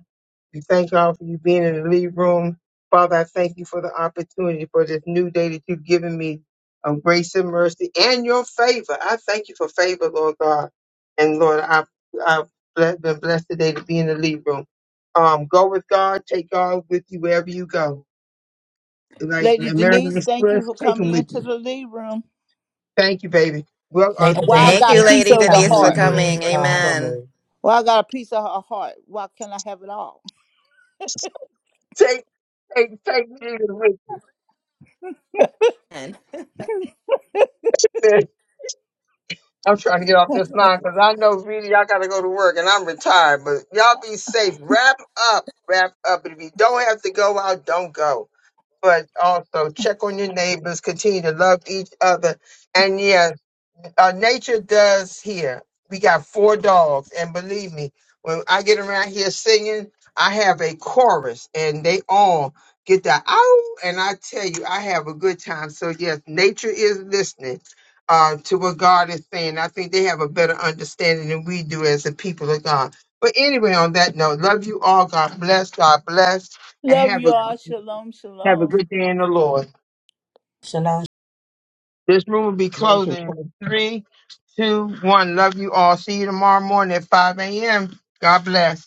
Speaker 2: we thank y'all for you being in the lead room. Father, I thank you for the opportunity for this new day that you've given me of grace and mercy and your favor. I thank you for favor, Lord God. And Lord, I've, I've ble- been blessed today to be in the lead room. Um, go with God, take God with you wherever you go. Like
Speaker 5: Lady
Speaker 2: American
Speaker 5: Denise, thank you
Speaker 2: Express,
Speaker 5: for
Speaker 2: take
Speaker 5: coming
Speaker 2: him with
Speaker 5: into
Speaker 2: you.
Speaker 5: the Lee Room.
Speaker 2: Thank you, baby. Well,
Speaker 6: That's
Speaker 2: uh,
Speaker 6: the,
Speaker 5: And
Speaker 18: Later the
Speaker 6: in
Speaker 5: why I
Speaker 2: take,
Speaker 18: next
Speaker 20: Thank
Speaker 18: day,
Speaker 5: got
Speaker 20: you,
Speaker 5: peace
Speaker 20: Lady
Speaker 18: the
Speaker 5: on your
Speaker 6: the
Speaker 20: Denise,
Speaker 18: calendar
Speaker 20: for
Speaker 6: lead
Speaker 5: heart.
Speaker 6: room.
Speaker 18: new
Speaker 20: coming.
Speaker 6: Thank you for
Speaker 18: um,
Speaker 20: Amen.
Speaker 6: coming.
Speaker 5: Well, I got a piece of her heart. Why can't I have it all?
Speaker 2: take, take Jesus with you. I'm trying to get off this line because I know really y'all gotta go to work and I'm retired. But y'all be safe. Wrap up, wrap up. And if you don't have to go out, don't go. But also check on your neighbors. Continue to love each other. And yes uh, nature does here. We got four dogs, and believe me, when I get around here singing, I have a chorus, and they all get that ow, and I tell you, I have a good time. So yes, nature is listening uh, to what God is saying. I think they have a better understanding than we do as the people of God. But anyway, on that note, love you all. God bless. God bless, and
Speaker 5: Love
Speaker 2: have
Speaker 5: you
Speaker 2: a
Speaker 5: all. Shalom,
Speaker 2: have a
Speaker 5: shalom.
Speaker 2: good day in the Lord.
Speaker 18: Shania
Speaker 2: This room will be
Speaker 6: Amen. Shalom.
Speaker 2: closing in three, two, one. Love you all. See you tomorrow morning at 5 a.m. God bless.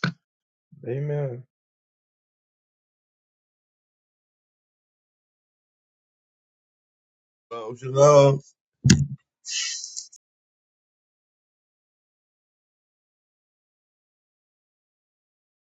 Speaker 6: Amen.
Speaker 22: Don't you know?